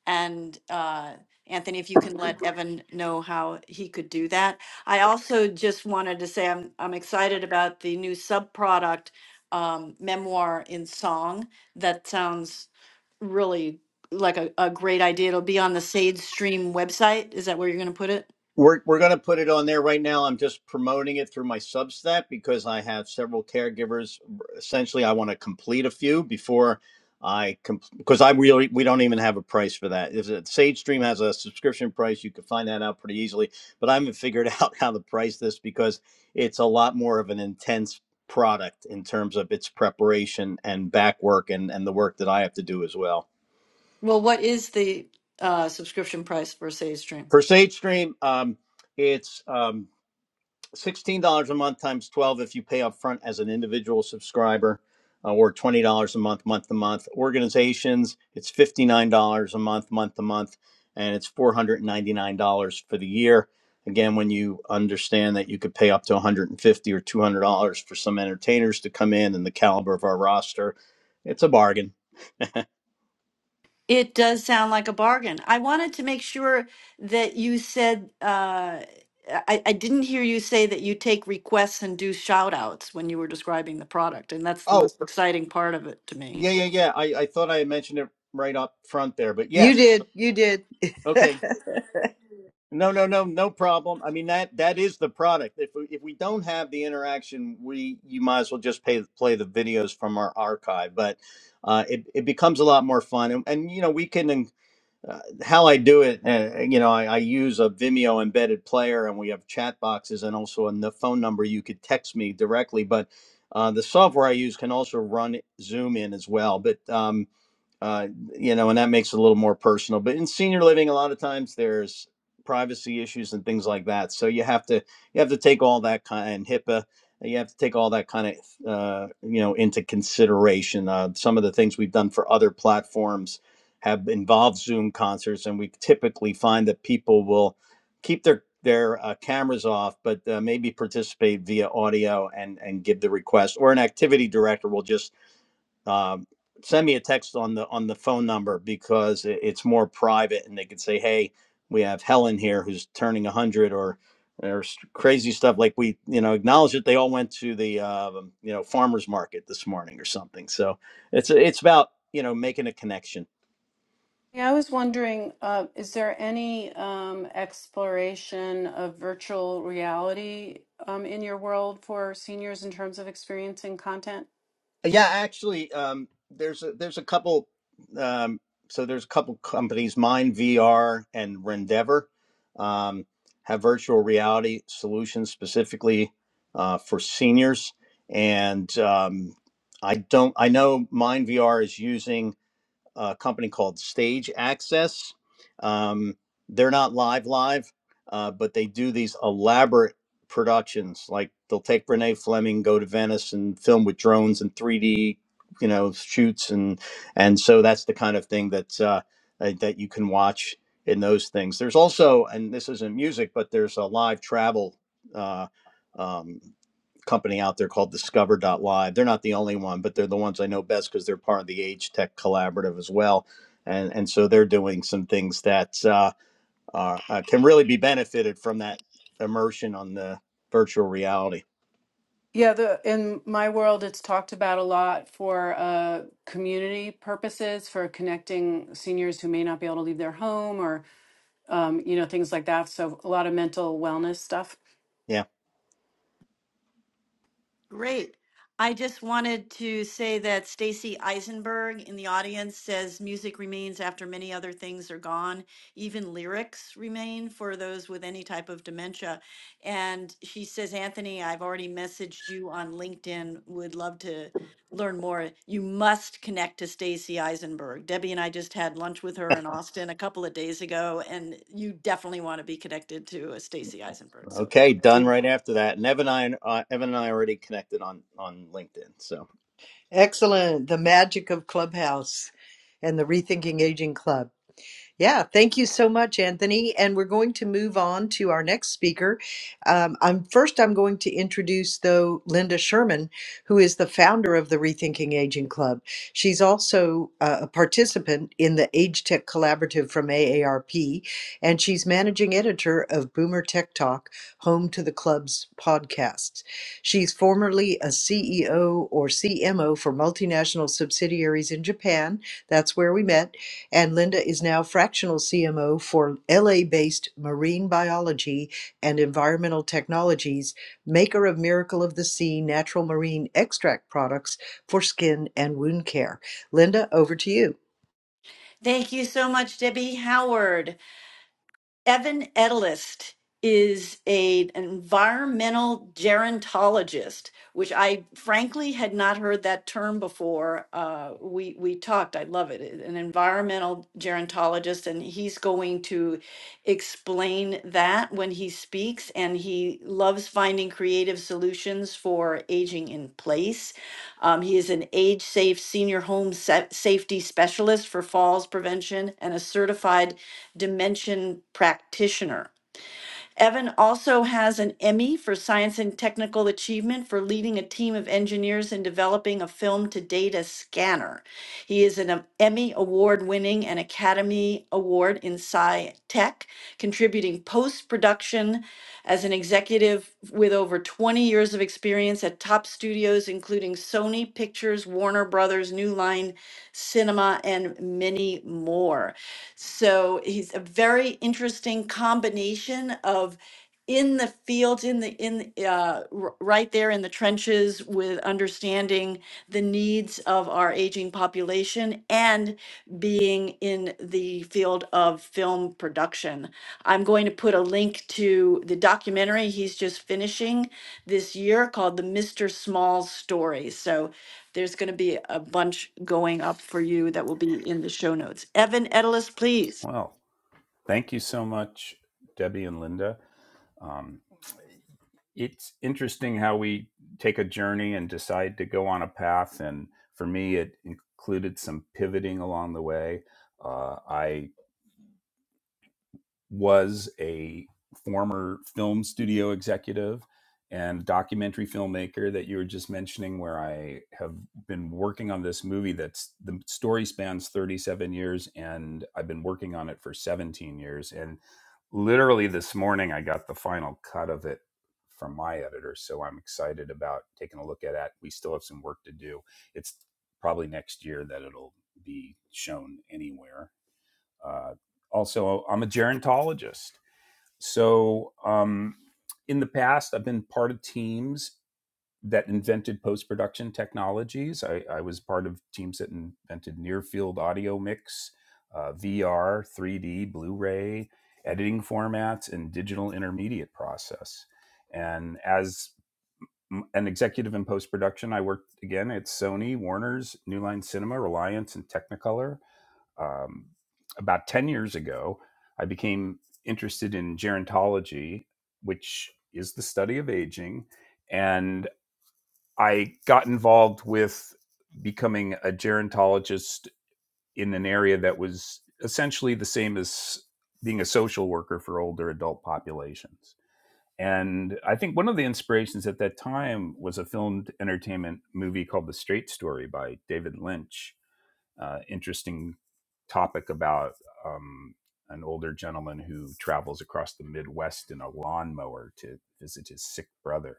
A: and uh, Anthony, if you can let Evan know how he could do that. I also just wanted to say I'm I'm excited about the new subproduct, um, memoir in song. That sounds really like a, a great idea. It'll be on the Sage Stream website. Is that where you're going to put it?
C: We're we're gonna put it on there right now. I'm just promoting it through my Substack because I have several caregivers. Essentially, I want to complete a few before I comp- because I really we don't even have a price for that. If it, Sage Stream has a subscription price, you can find that out pretty easily. But I haven't figured out how to price this because it's a lot more of an intense product in terms of its preparation and back work and and the work that I have to do as well.
A: Well, what is the uh, subscription price for Sage Stream?
C: For Sage Stream, um, it's um. $16 a month times 12 if you pay up front as an individual subscriber uh, or $20 a month month to month organizations it's $59 a month month to month and it's $499 for the year again when you understand that you could pay up to $150 or $200 for some entertainers to come in and the caliber of our roster it's a bargain
A: It does sound like a bargain. I wanted to make sure that you said, uh, I, I didn't hear you say that you take requests and do shout outs when you were describing the product. And that's the
C: oh
A: most exciting part of it to me.
C: yeah yeah yeah i, I thought i had mentioned it right up front there but
B: You
C: yes
B: did. You did.
C: okay No, no, no, no problem. I mean that that is the product. If we, if we don't have the interaction, we you might as well just pay, play the videos from our archive. But uh, it it becomes a lot more fun, and, and you know we can. Uh, how I do it, uh, you know, I, I use a Vimeo embedded player, and we have chat boxes, and also a n- phone number you could text me directly. But uh, the software I use can also run Zoom in as well. But um, uh, you know, and that makes it a little more personal. But in senior living, a lot of times there's privacy issues and things like that. So you have to you have to take all that kind and HIPAA. You have to take all that kind of uh, you know into consideration. Uh, some of the things we've done for other platforms have involved Zoom concerts, and we typically find that people will keep their their uh, cameras off, but uh, maybe participate via audio and and give the request, or an activity director will just um, send me a text on the on the phone number because it, it's more private and they could say hey we have helen here who's turning 100 or or crazy stuff like we you know acknowledge that they all went to the um, you know farmers market this morning or something so it's it's about you know making a connection
D: Yeah, I was wondering, uh, is there any um, exploration of virtual reality um, in your world for seniors in terms of experiencing content?
C: Yeah, actually, um, there's a, there's a couple. Um, so there's a couple companies, Mind VR and Rendeavor, um, have virtual reality solutions specifically uh, for seniors. And um, I don't, I know Mind VR is using a company called Stage Access. Um, they're not live live, uh, but they do these elaborate productions. Like they'll take Brene Fleming, go to Venice, and film with drones and 3D, you know, shoots and and so that's the kind of thing that uh, uh, that you can watch in those things. There's also, and this isn't music, but there's a live travel. Uh, um, company out there called Discover dot Live. they're not the only one but they're the ones i know best because they're part of the age tech collaborative as well and and so they're doing some things that uh, are, uh, can really be benefited from that immersion on the virtual reality
D: Yeah, the in my world, it's talked about a lot for uh, community purposes, for connecting seniors who may not be able to leave their home or um, you know things like that. So a lot of mental wellness stuff.
C: yeah
A: Great. I just wanted to say that Stacy Eisenberg in the audience says music remains after many other things are gone. Even lyrics remain for those with any type of dementia. And she says, Anthony, I've already messaged you on LinkedIn. Would love to learn more. You must connect to Stacy Eisenberg. Debbie and I just had lunch with her in Austin a couple of days ago, and you definitely want to be connected to uh, Stacy Eisenberg. So
C: okay done
A: do
C: right after that and evan and i uh, evan and i already connected on on linkedin so
B: Excellent. The magic of Clubhouse and the Rethinking Aging Club. Yeah, thank you so much, Anthony. And we're going to move on to our next speaker. Um, I'm first. I'm going to introduce though Linda Sherman, who is the founder of the Rethinking Aging Club. She's also uh, a participant in the Age Tech Collaborative from AARP, and she's managing editor of Boomer Tech Talk, home to the club's podcasts. She's formerly a CEO or CMO for multinational subsidiaries in Japan. That's where we met and Linda is now fractional CMO for LA based Marine Biology and Environmental Technologies, maker of Miracle of the Sea natural marine extract products for skin and wound care. Linda, over to you.
A: Thank you so much, Debbie Howard. Evan Edelist is a, an environmental gerontologist, which I frankly had not heard that term before. Uh, we we talked. I love it. An environmental gerontologist, and he's going to explain that when he speaks. And he loves finding creative solutions for aging in place. Um, he is an age safe senior home sa- safety specialist for falls prevention and a certified Dimension Practitioner. Evan also has an Emmy for Science and Technical Achievement for leading a team of engineers in developing a film to data scanner. He is an Emmy award winning and Academy Award in Sci Tech, contributing post production as an executive with over 20 years of experience at top studios, including Sony Pictures, Warner Brothers, New Line Cinema, and many more. So he's a very interesting combination of in the field, in the in the, uh, r- right there in the trenches with understanding the needs of our aging population and being in the field of film production. I'm going to put a link to the documentary he's just finishing this year called The Mr. Small Story. So there's going to be a bunch going up for you that will be in the show notes. Evan Edelis, please.
E: Well. Thank you so much, Debbie and Linda. Um, it's interesting how we take a journey and decide to go on a path. And for me, it included some pivoting along the way. Uh, I was a former film studio executive and documentary filmmaker that you were just mentioning, where I have been working on this movie that's the story spans 37 years and I've been working on it for 17 years. And literally this morning, I got the final cut of it from my editor. So I'm excited about taking a look at it. We still have some work to do. It's probably next year that it'll be shown anywhere uh, also, I'm a gerontologist. So, um, in the past, I've been part of teams that invented post production technologies. I, I was part of teams that invented near field audio mix, uh, VR, 3D, Blu ray, editing formats, and digital intermediate process. And as an executive in post production, I worked again at Sony, Warner's, New Line Cinema, Reliance, and Technicolor um, about 10 years ago, I became interested in gerontology, which is the study of aging. And I got involved with becoming a gerontologist in an area that was essentially the same as being a social worker for older adult populations. And I think one of the inspirations at that time was a filmed entertainment movie called The Straight Story by David Lynch uh, interesting topic about um, an older gentleman who travels across the Midwest in a lawnmower to visit his sick brother.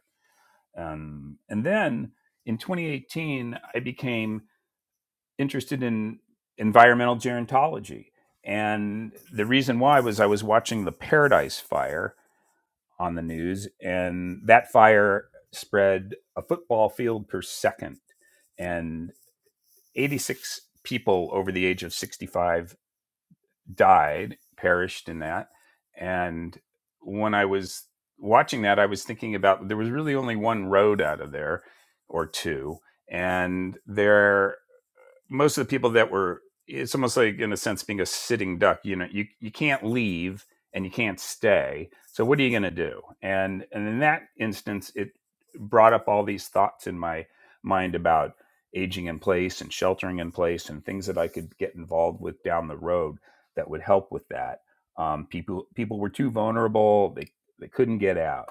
E: Um, and then in 2018, I became interested in environmental gerontology. And the reason why was I was watching the Paradise Fire on the news, and that fire spread a football field per second. And 86 people over the age of 65 died, perished in that. And when I was watching that, I was thinking about there was really only one road out of there or two. And there most of the people that were it's almost like in a sense being a sitting duck you know you, you can't leave and you can't stay so what are you going to do and and in that instance it brought up all these thoughts in my mind about aging in place and sheltering in place and things that i could get involved with down the road that would help with that um, people people were too vulnerable they they couldn't get out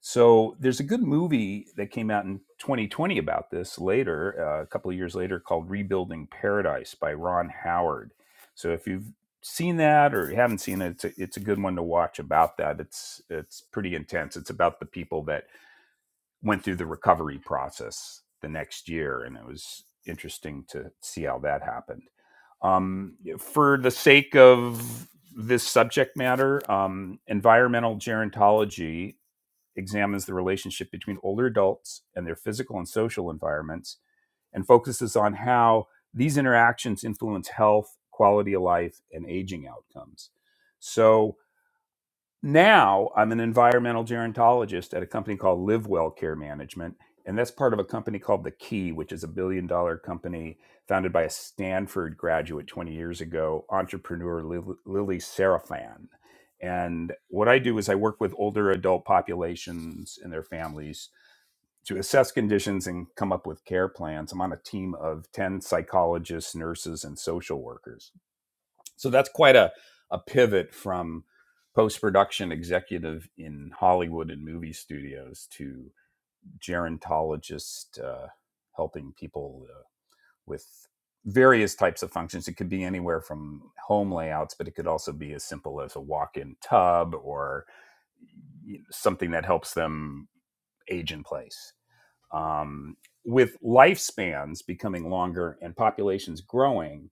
E: so there's a good movie that came out in 2020 about this later, uh, a couple of years later, called Rebuilding Paradise by Ron Howard. So if you've seen that or you haven't seen it, it's a, it's a good one to watch about that. It's it's pretty intense. It's about the people that went through the recovery process the next year, and it was interesting to see how that happened. Um, for the sake of this subject matter, um, environmental gerontology examines the relationship between older adults and their physical and social environments and focuses on how these interactions influence health, quality of life, and aging outcomes. So, now I'm an environmental gerontologist at a company called LiveWell Care Management. And that's part of a company called The Key, which is a billion dollar company founded by a Stanford graduate 20 years ago, entrepreneur Lil- Lily Serafan. And what I do is I work with older adult populations and their families to assess conditions and come up with care plans. I'm on a team of 10 psychologists, nurses, and social workers so that's quite a, a pivot from post production executive in Hollywood and movie studios to gerontologist uh, helping people uh, with various types of functions. It could be anywhere from home layouts, but it could also be as simple as a walk in tub or something that helps them age in place. Um, with lifespans becoming longer and populations growing,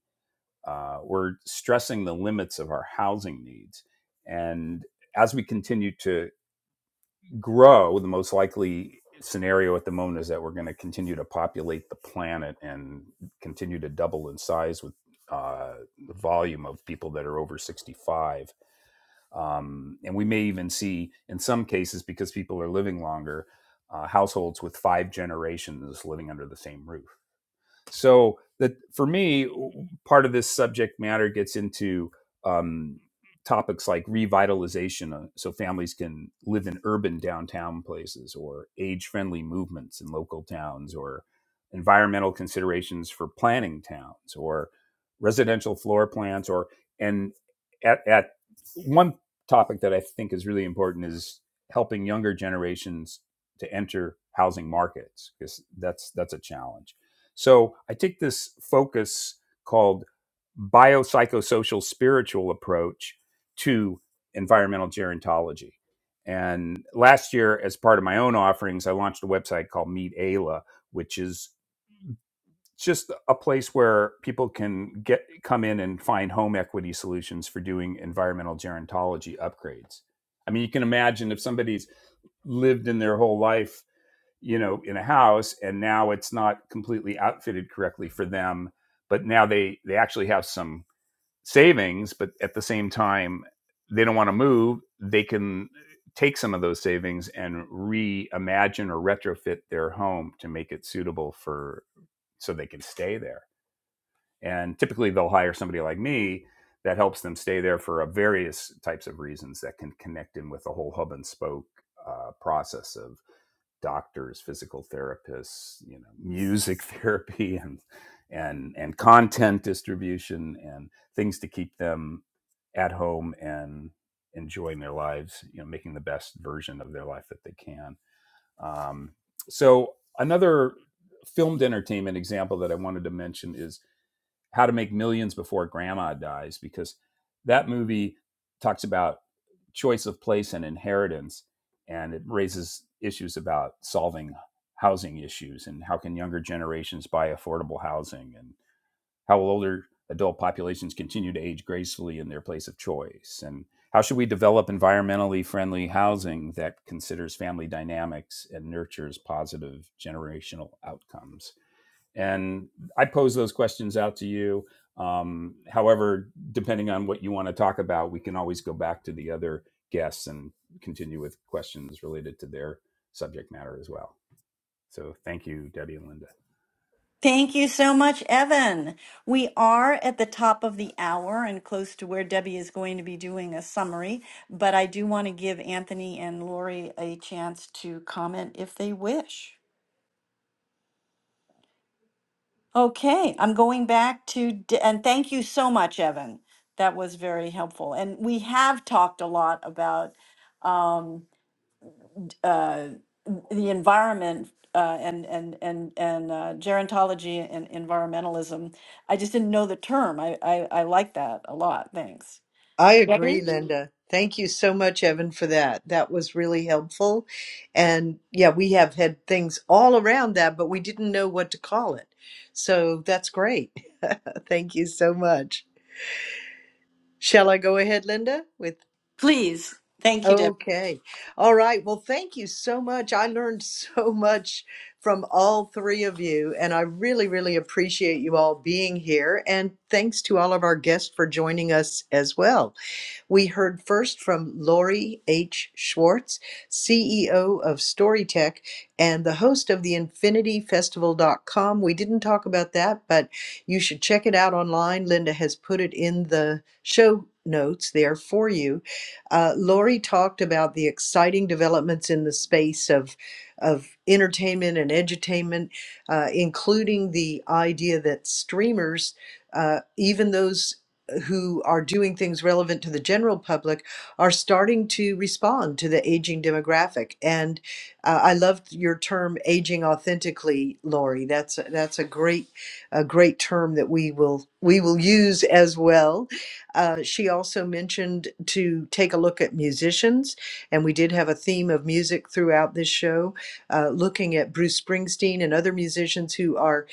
E: uh, we're stressing the limits of our housing needs. And as we continue to grow, the most likely scenario at the moment is that we're going to continue to populate the planet and continue to double in size with uh, the volume of people that are over 65. Um, and we may even see, in some cases, because people are living longer, uh, households with five generations living under the same roof so that for me, part of this subject matter gets into um, topics like revitalization, uh, so families can live in urban downtown places, or age-friendly movements in local towns, or environmental considerations for planning towns, or residential floor plans, or and at, at one topic that I think is really important is helping younger generations to enter housing markets because that's that's a challenge so I take this focus called biopsychosocial spiritual approach to environmental gerontology. And last year, as part of my own offerings, I launched a website called Meet Ayla, which is just a place where people can get come in and find home equity solutions for doing environmental gerontology upgrades. I mean, you can imagine if somebody's lived in their whole life you know in a house and now it's not completely outfitted correctly for them but now they they actually have some savings but at the same time they don't want to move they can take some of those savings and reimagine or retrofit their home to make it suitable for so they can stay there and typically they'll hire somebody like me that helps them stay there for a various types of reasons that can connect in with the whole hub and spoke uh, process of doctors, physical therapists, you know, music therapy and and and content distribution and things to keep them at home and enjoying their lives, you know, making the best version of their life that they can. Um, so another filmed entertainment example that I wanted to mention is how to Make Millions Before Grandma Dies, because that movie talks about choice of place and inheritance, and it raises issues about solving housing issues and how can younger generations buy affordable housing and how will older adult populations continue to age gracefully in their place of choice and how should we develop environmentally friendly housing that considers family dynamics and nurtures positive generational outcomes and I pose those questions out to you. Um, however, depending on what you want to talk about, we can always go back to the other guests and continue with questions related to their subject matter as well. So thank you, Debbie and Linda.
A: Thank you so much, Evan. We are at the top of the hour and close to where Debbie is going to be doing a summary, but I do want to give Anthony and Lori a chance to comment if they wish. Okay, I'm going back to, De- and thank you so much, Evan. That was very helpful. And we have talked a lot about um, uh, the environment uh, and and and and uh, gerontology and environmentalism. I just didn't know the term. I I, I like that a lot. Thanks.
B: I agree,
A: Debbie?
B: Linda. Thank you so much, Evan, for that. That was really helpful. And yeah, we have had things all around that, but we didn't know what to call it. So that's great. Thank you so much. Shall I go ahead, Linda, with
A: Please. Thank you, Deb.
B: Okay. All right. Well, thank you so much. I learned so much from all three of you, and I really, really appreciate you all being here. And thanks to all of our guests for joining us as well. We heard first from Lori H. Schwartz, CEO of Storytech and the host of the InfinityFestival.com. We didn't talk about that, but you should check it out online. Linda has put it in the show notes there for you. Uh, Lori talked about the exciting developments in the space of, of entertainment and edutainment, uh, including the idea that streamers, uh, even those who are doing things relevant to the general public are starting to respond to the aging demographic. And uh, I loved your term "aging authentically," Lori. That's a, that's a great a great term that we will we will use as well. Uh, she also mentioned to take a look at musicians, and we did have a theme of music throughout this show, uh, looking at Bruce Springsteen and other musicians who are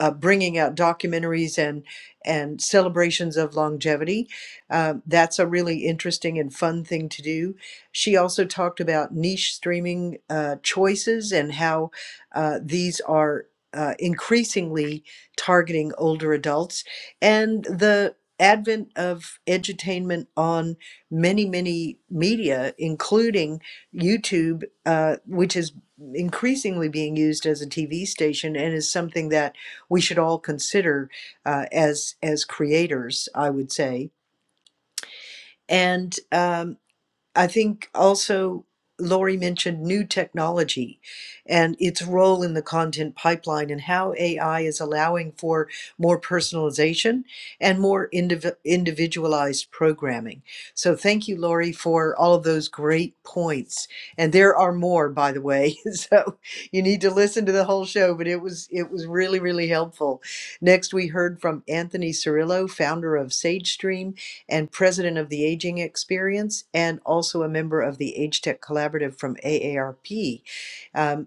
B: uh, bringing out documentaries and and celebrations of longevity. Uh, that's a really interesting and fun thing to do. She also talked about niche streaming uh, choices and how uh, these are uh, increasingly targeting older adults and the advent of edutainment on many, many media, including YouTube, uh, which is increasingly being used as a TV station and is something that we should all consider uh, as as creators, I would say. And um, I think also Lori mentioned new technology and its role in the content pipeline and how AI is allowing for more personalization and more indiv- individualized programming. So, thank you, Lori, for all of those great points. And there are more, by the way. So, you need to listen to the whole show, but it was it was really really helpful. Next, we heard from Anthony Cirillo, founder of SageStream and president of the Aging Experience, and also a member of the Age Tech Collaborative from AARP. Um,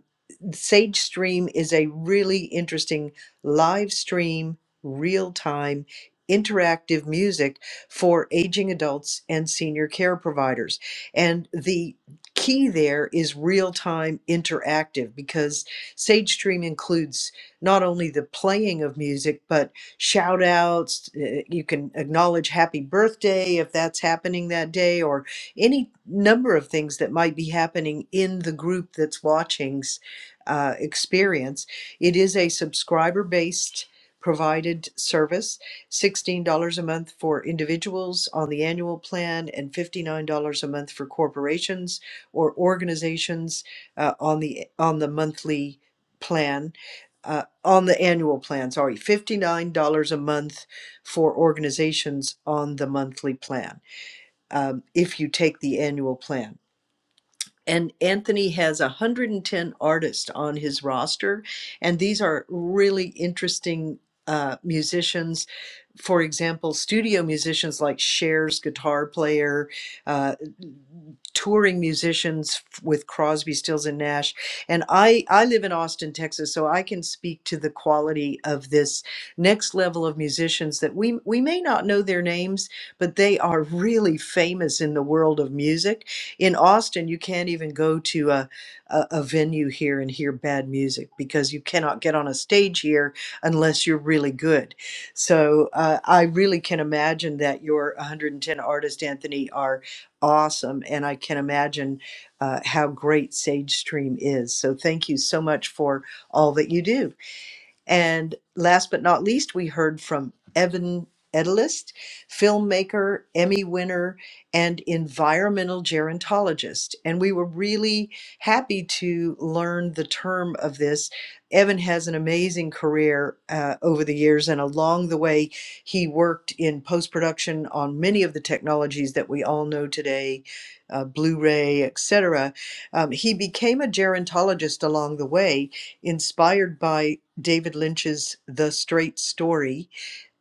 B: Sage Stream is a really interesting live stream, real time, interactive music for aging adults and senior care providers. And the key there is real time interactive because Sage Stream includes not only the playing of music, but shout outs. uh, You can acknowledge happy birthday if that's happening that day, or any number of things that might be happening in the group that's watching uh, experience. It is a subscriber based provided service $16 a month for individuals on the annual plan and $59 a month for corporations or organizations uh, on the on the monthly plan uh, on the annual plan sorry $59 a month for organizations on the monthly plan um, if you take the annual plan and Anthony has 110 artists on his roster, and these are really interesting uh, musicians for example, studio musicians like Cher's guitar player, uh, touring musicians with Crosby, Stills, and Nash. And I, I live in Austin, Texas, so I can speak to the quality of this next level of musicians that we, we may not know their names, but they are really famous in the world of music. In Austin, you can't even go to a, a, a venue here and hear bad music because you cannot get on a stage here unless you're really good so uh, I really can imagine that your 110 artists, Anthony, are awesome. And I can imagine uh, how great Sage Stream is. So thank you so much for all that you do. And last but not least, we heard from Evan Edelist, filmmaker, Emmy winner, and environmental gerontologist. And we were really happy to learn the term of this. Evan has an amazing career uh, over the years, and along the way, he worked in post production on many of the technologies that we all know today, uh, Blu ray, etc. Um, he became a gerontologist along the way inspired by David Lynch's The Straight Story.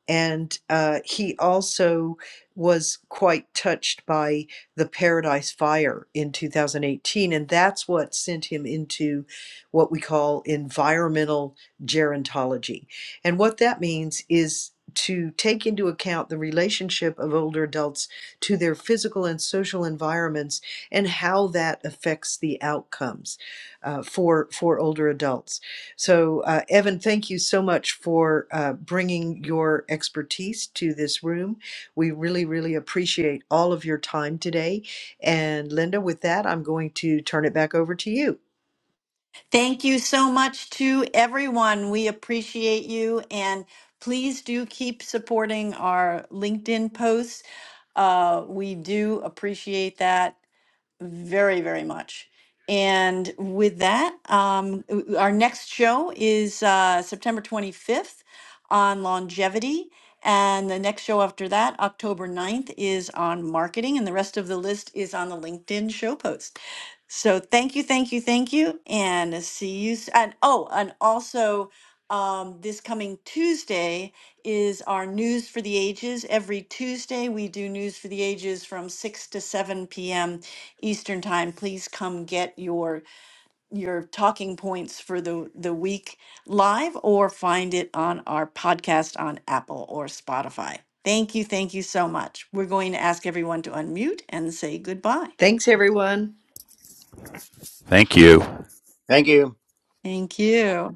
B: And uh, he also was quite touched by the Paradise Fire in 2018. And that's what sent him into what we call environmental gerontology. And what that means is to take into account the relationship of older adults to their physical and social environments and how that affects the outcomes uh, for, for older adults. So, uh, Evan, thank you so much for uh, bringing your expertise to this room. We really, really appreciate all of your time today. And, Linda, with that, I'm going to turn it back over to you.
A: Thank you so much to everyone. We appreciate you. And please do keep supporting our LinkedIn posts. Uh, we do appreciate that. very, very much. And with that, um, w- our next show is uh, September 25th on longevity. And the next show after that, October ninth, is on marketing. And the rest of the list is on the LinkedIn show post. So thank you, thank you, thank you. And see you. s- And oh, and also um, this coming Tuesday, is our News for the Ages. Every Tuesday, we do News for the Ages from 6 to 7 p.m. Eastern Time, please come get your your talking points for the the week live or find it on our podcast on Apple or Spotify. Thank you, thank you so much. We're going to ask everyone to unmute and say goodbye.
B: Thanks, everyone.
E: Thank you.
C: thank you
A: Thank you.